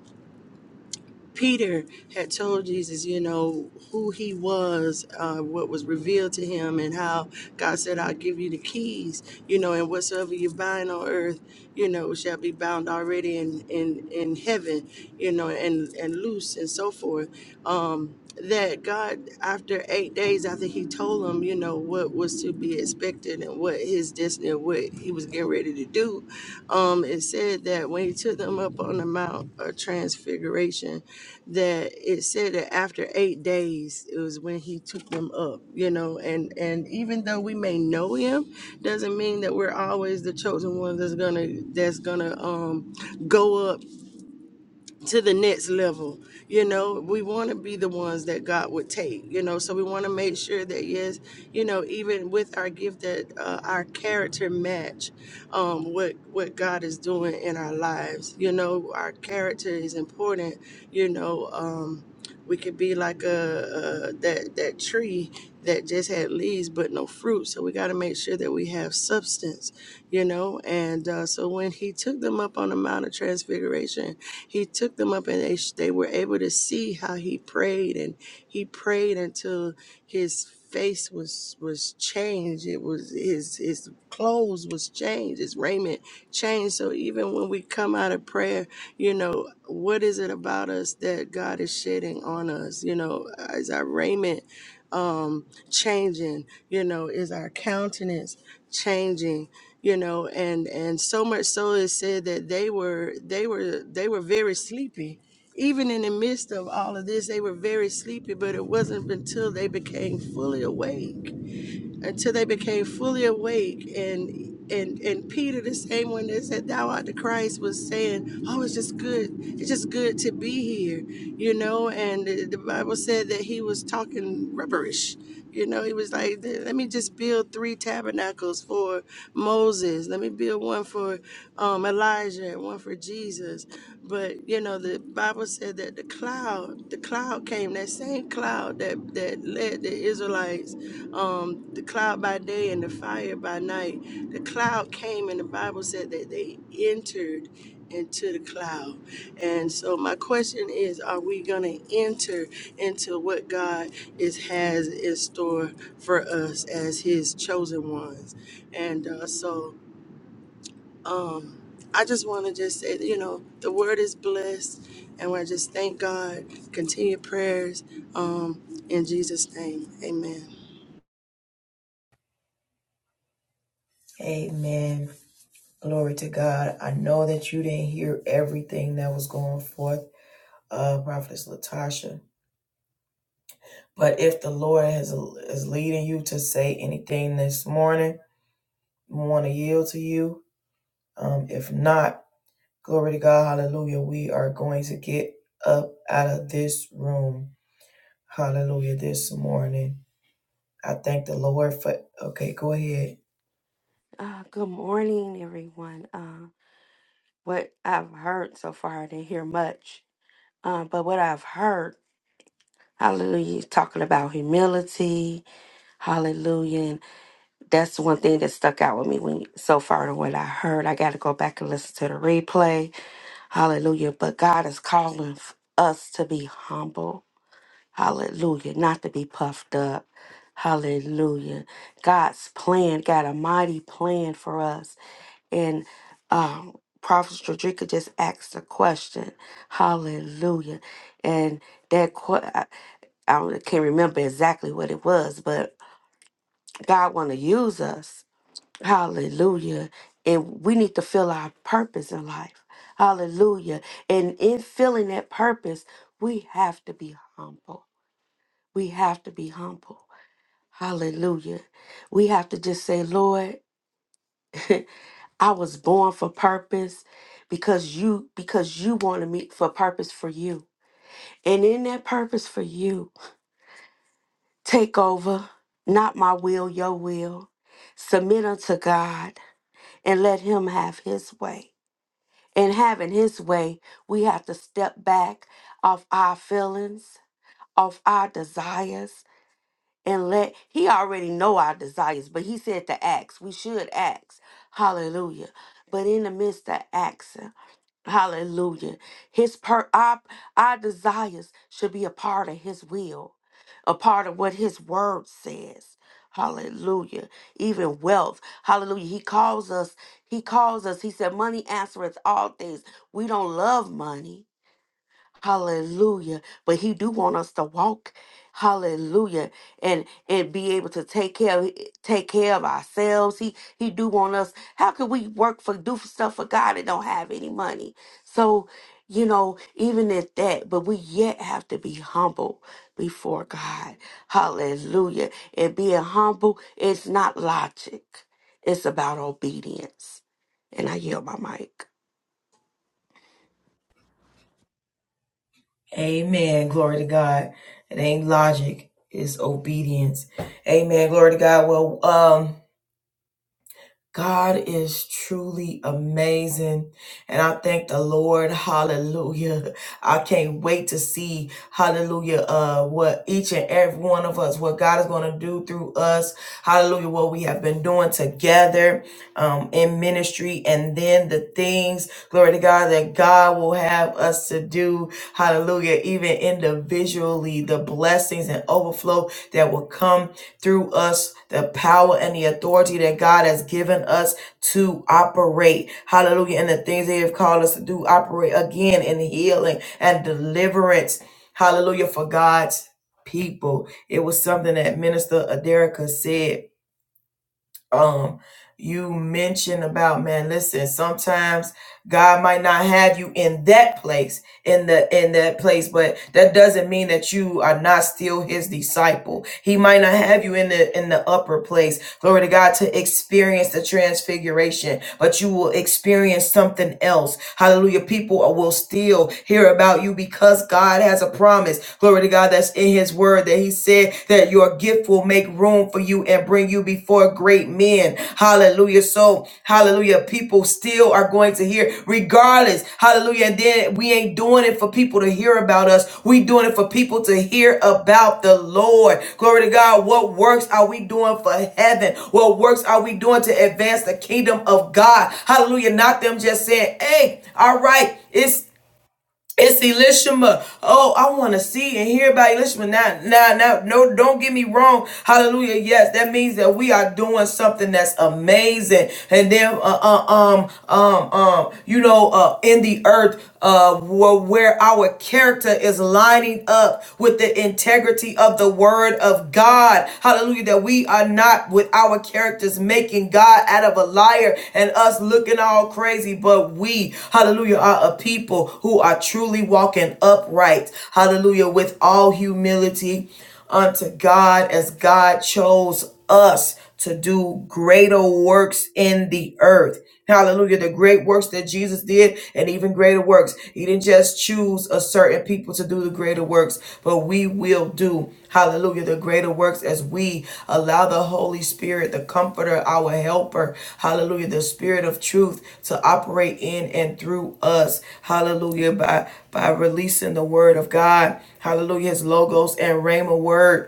Speaker 5: Peter had told Jesus, you know, who he was, uh, what was revealed to him, and how God said, I'll give you the keys, you know, and whatsoever you bind on earth, you know, shall be bound already in, in, in heaven you know, and, and loose and so forth. Um, that God, after eight days, after He told him, you know, what was to be expected and what His destiny, and what He was getting ready to do, um, it said that when He took them up on the Mount of Transfiguration, that it said that after eight days, it was when He took them up, you know, and and even though we may know Him, doesn't mean that we're always the chosen one that's gonna that's gonna um go up to the next level. You know, we want to be the ones that God would take, you know, so we want to make sure that, yes, you know, even with our gift, that uh, our character match um, what, what God is doing in our lives. You know, our character is important, you know, um, we could be like a, a that that tree that just had leaves but no fruit. So we got to make sure that we have substance, you know. And uh, so when he took them up on the Mount of Transfiguration, he took them up and they, they were able to see how he prayed and he prayed until his face was was changed it was his his clothes was changed his raiment changed so even when we come out of prayer you know what is it about us that god is shedding on us you know is our raiment um changing you know is our countenance changing you know and and so much so it said that they were they were they were very sleepy even in the midst of all of this they were very sleepy but it wasn't until they became fully awake until they became fully awake and and and Peter, the same one that said thou art the Christ, was saying, "Oh, it's just good. It's just good to be here," you know. And the, the Bible said that he was talking rubbish. you know. He was like, "Let me just build three tabernacles for Moses. Let me build one for um, Elijah and one for Jesus." But you know, the Bible said that the cloud, the cloud came, that same cloud that that led the Israelites um, the cloud by day and the fire by night. The cloud came, and the Bible said that they entered into the cloud. And so, my question is: Are we going to enter into what God is has in store for us as His chosen ones? And uh, so, um, I just want to just say, you know, the word is blessed, and I just thank God. Continue prayers um, in Jesus' name. Amen.
Speaker 1: Amen. Glory to God. I know that you didn't hear everything that was going forth, uh, Prophetess Latasha. But if the Lord has is leading you to say anything this morning, we want to yield to you. Um, if not, glory to God, hallelujah. We are going to get up out of this room. Hallelujah. This morning. I thank the Lord for okay, go ahead.
Speaker 6: Uh, good morning, everyone. Uh, what I've heard so far, I didn't hear much, uh, but what I've heard, hallelujah, talking about humility, hallelujah. And that's one thing that stuck out with me when so far to what I heard. I got to go back and listen to the replay, hallelujah. But God is calling f- us to be humble, hallelujah, not to be puffed up. Hallelujah. God's plan, got a mighty plan for us. And um, Prophet Stradrika just asked a question. Hallelujah. And that, que- I, I can't remember exactly what it was, but God want to use us. Hallelujah. And we need to feel our purpose in life. Hallelujah. And in feeling that purpose, we have to be humble. We have to be humble. Hallelujah. We have to just say, Lord, I was born for purpose because you because you wanted me for purpose for you. And in that purpose for you, take over, not my will, your will. Submit unto God and let him have his way. And having his way, we have to step back off our feelings, off our desires, and let he already know our desires, but he said to ask. We should ask. Hallelujah. But in the midst of asking. Hallelujah. His per our, our desires should be a part of his will, a part of what his word says. Hallelujah. Even wealth. Hallelujah. He calls us, he calls us. He said, Money answereth all things. We don't love money Hallelujah. But he do want us to walk. Hallelujah. And and be able to take care of take care of ourselves. He he do want us. How can we work for do stuff for God and don't have any money? So, you know, even at that, but we yet have to be humble before God. Hallelujah. And being humble is not logic. It's about obedience. And I yield my mic.
Speaker 1: Amen. Glory to God. It ain't logic. It's obedience. Amen. Glory to God. Well, um, God is truly amazing. And I thank the Lord. Hallelujah. I can't wait to see, hallelujah, uh, what each and every one of us, what God is going to do through us. Hallelujah. What we have been doing together, um, in ministry and then the things, glory to God, that God will have us to do. Hallelujah. Even individually, the blessings and overflow that will come through us the power and the authority that God has given us to operate. Hallelujah. And the things they have called us to do, operate again in healing and deliverance. Hallelujah. For God's people. It was something that Minister Aderica said um you mentioned about man listen sometimes god might not have you in that place in the in that place but that doesn't mean that you are not still his disciple he might not have you in the in the upper place glory to god to experience the transfiguration but you will experience something else hallelujah people will still hear about you because god has a promise glory to god that's in his word that he he said that your gift will make room for you and bring you before great men. Hallelujah. So, hallelujah. People still are going to hear, regardless. Hallelujah. And then we ain't doing it for people to hear about us. We doing it for people to hear about the Lord. Glory to God. What works are we doing for heaven? What works are we doing to advance the kingdom of God? Hallelujah. Not them just saying, hey, all right, it's it's Elishama. Oh, I want to see and hear about Elishama. Now, now, now, no, don't get me wrong. Hallelujah. Yes, that means that we are doing something that's amazing. And then, uh, uh, um, um, um, you know, uh, in the earth, uh, where, where our character is lining up with the integrity of the word of God. Hallelujah. That we we are not with our characters making God out of a liar and us looking all crazy, but we, hallelujah, are a people who are truly walking upright, hallelujah, with all humility unto God as God chose us to do greater works in the earth. Hallelujah. The great works that Jesus did and even greater works. He didn't just choose a certain people to do the greater works, but we will do, hallelujah, the greater works as we allow the Holy Spirit, the comforter, our helper, hallelujah, the spirit of truth to operate in and through us. Hallelujah. By by releasing the word of God. Hallelujah. His logos and rhema word.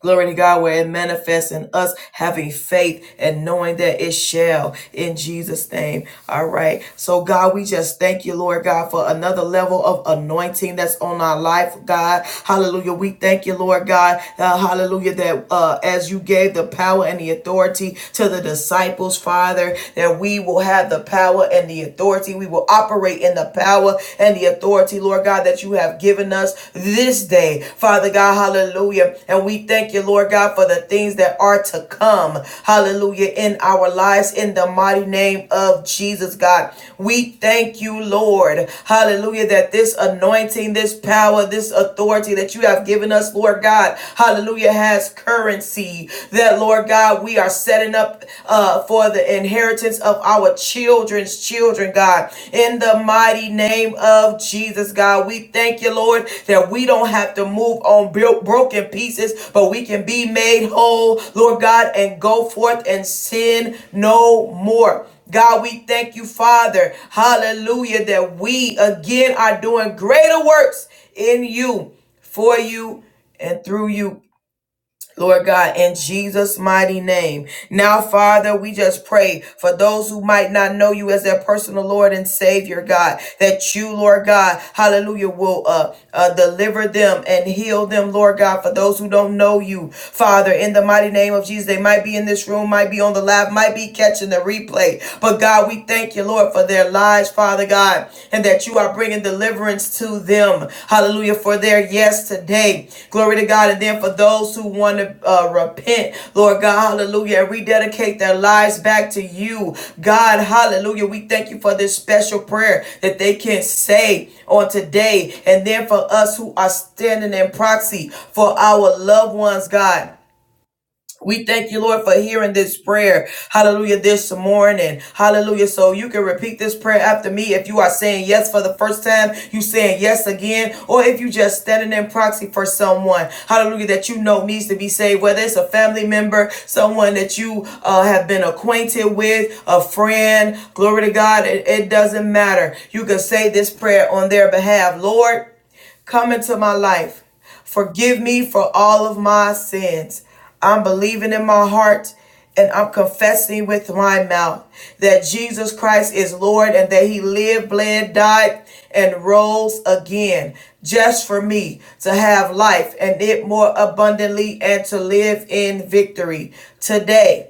Speaker 1: Glory to God, where it manifests in us having faith and knowing that it shall in Jesus' name. All right. So, God, we just thank you, Lord God, for another level of anointing that's on our life, God. Hallelujah. We thank you, Lord God. Uh, hallelujah. That uh, as you gave the power and the authority to the disciples, Father, that we will have the power and the authority. We will operate in the power and the authority authority, Lord God, that you have given us this day. Father God, hallelujah. And we thank you, Lord God, for the things that are to come. Hallelujah. In our lives, in the mighty name of Jesus, God. We thank you, Lord. Hallelujah. That this anointing, this power, this authority that you have given us, Lord God, hallelujah, has currency. That, Lord God, we are setting up uh, for the inheritance inheritance of our children's children, God. In the mighty name of Jesus, God, we thank you, Lord, that we don't have to move on broken pieces, but we can be made whole, Lord God, and go forth and sin no more. God, we thank you, Father. Hallelujah, that we again are doing greater works in you, for you, and through you Lord God, in Jesus' mighty name. Now, Father, we just pray for those who might not know you as their personal Lord and Savior, God, that you, Lord God, hallelujah, will uh, uh, deliver them and heal them, Lord God, for those who don't know you, Father, in the mighty name of Jesus. They might be in this room, might be on the live, might be catching the replay. But God, we thank you, Lord, for their lives, Father. Father God, and that you are bringing deliverance to them. Hallelujah. For their yes today. Glory to God. And then for those who want to uh, repent, Lord God, hallelujah, and rededicate their lives back to you. God, hallelujah. We thank you for this special prayer that they can say on today. And then for us who are standing in proxy for our loved ones, God. We thank you, Lord, for hearing this prayer. Hallelujah, this morning. Hallelujah. So you can repeat this prayer after me if you are saying yes for the first time, you saying yes again, or if you just standing in proxy for someone. Hallelujah, that you know needs to be saved, whether it's a family member, someone that you uh, have been acquainted with, a friend. Glory to God. It, it doesn't matter. You can say this prayer on their behalf. Lord, come into my life. Forgive me for all of my sins. I'm believing in my heart and I'm confessing with my mouth that Jesus Christ is Lord and that he lived, bled, died, and rose again just for me to have life and it more abundantly and to live in victory. Today,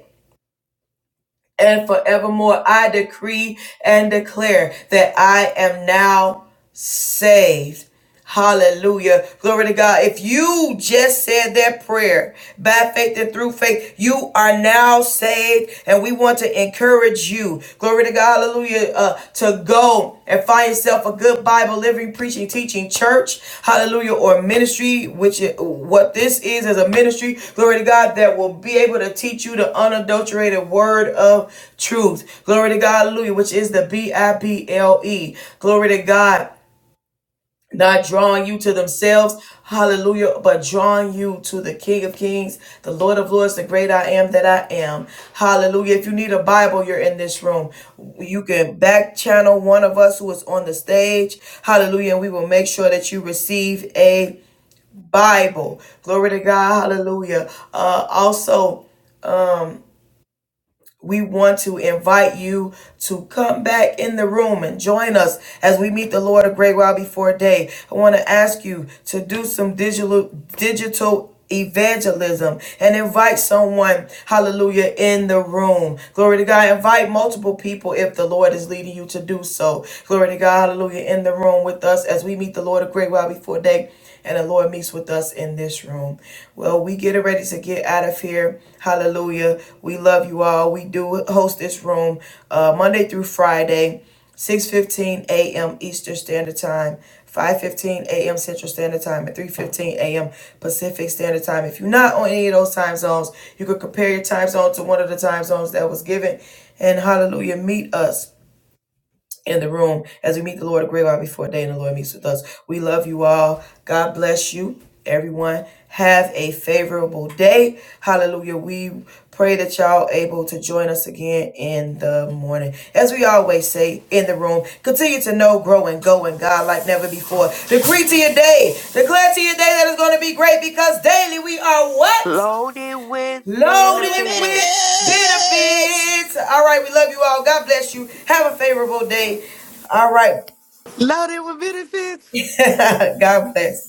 Speaker 1: and forevermore. I decree and declare that I am now saved. Hallelujah. Glory to God. If you just said that prayer by faith and through faith, you are now saved. And we want to encourage you. Glory to God. Hallelujah. Uh, uh, to go and find yourself a good Bible living, preaching, teaching church, hallelujah, or ministry, which i- what this is as a ministry, glory to God, that will be able to teach you the unadulterated word of truth. Glory to God, hallelujah, which is the B I B L E. Glory to God not drawing you to themselves, hallelujah, but drawing you to the King of Kings, the Lord of Lords, the great I am that I am, hallelujah. If you need a Bible, you're in this room. You can back channel one of us who is on the stage, hallelujah, and we will make sure that you receive a Bible. Glory to God, hallelujah. Uh, also, we want to invite you to come back in the room and join us as we meet the Lord a great while before day. I want to ask you to do some digital digital evangelism and invite someone hallelujah in the room glory to god invite multiple people if the lord is leading you to do so glory to god hallelujah in the room with us as we meet the lord a great while before day and the Lord meets with us in this room. Well, we get ready to get out of here. Hallelujah. We love you all. We do host this room uh, Monday through Friday. 6.15 a.m. Eastern Standard Time, 5.15 a.m. Central Standard Time, and 3.15 a.m. Pacific Standard Time. If you're not on any of those time zones, you could compare your time zone to one of the time zones that was given. And hallelujah, meet us in the room as we meet the Lord a great while before day and the Lord meets with us. We love you all. God bless you, everyone. Have a favorable day. Hallelujah. We pray that y'all able to join us again in the morning. As we always say in the room, continue to know, grow, and go in God like never before. Decree to your day. Declare to your day that it's going to be great because daily we are what?
Speaker 6: Loaded with
Speaker 4: Loaded with
Speaker 1: loaded with
Speaker 6: benefits.
Speaker 4: benefits.
Speaker 1: benefits. All right, we love you all. God bless you. Have a favorable day. All right.
Speaker 2: Loaded with benefits.
Speaker 1: God bless.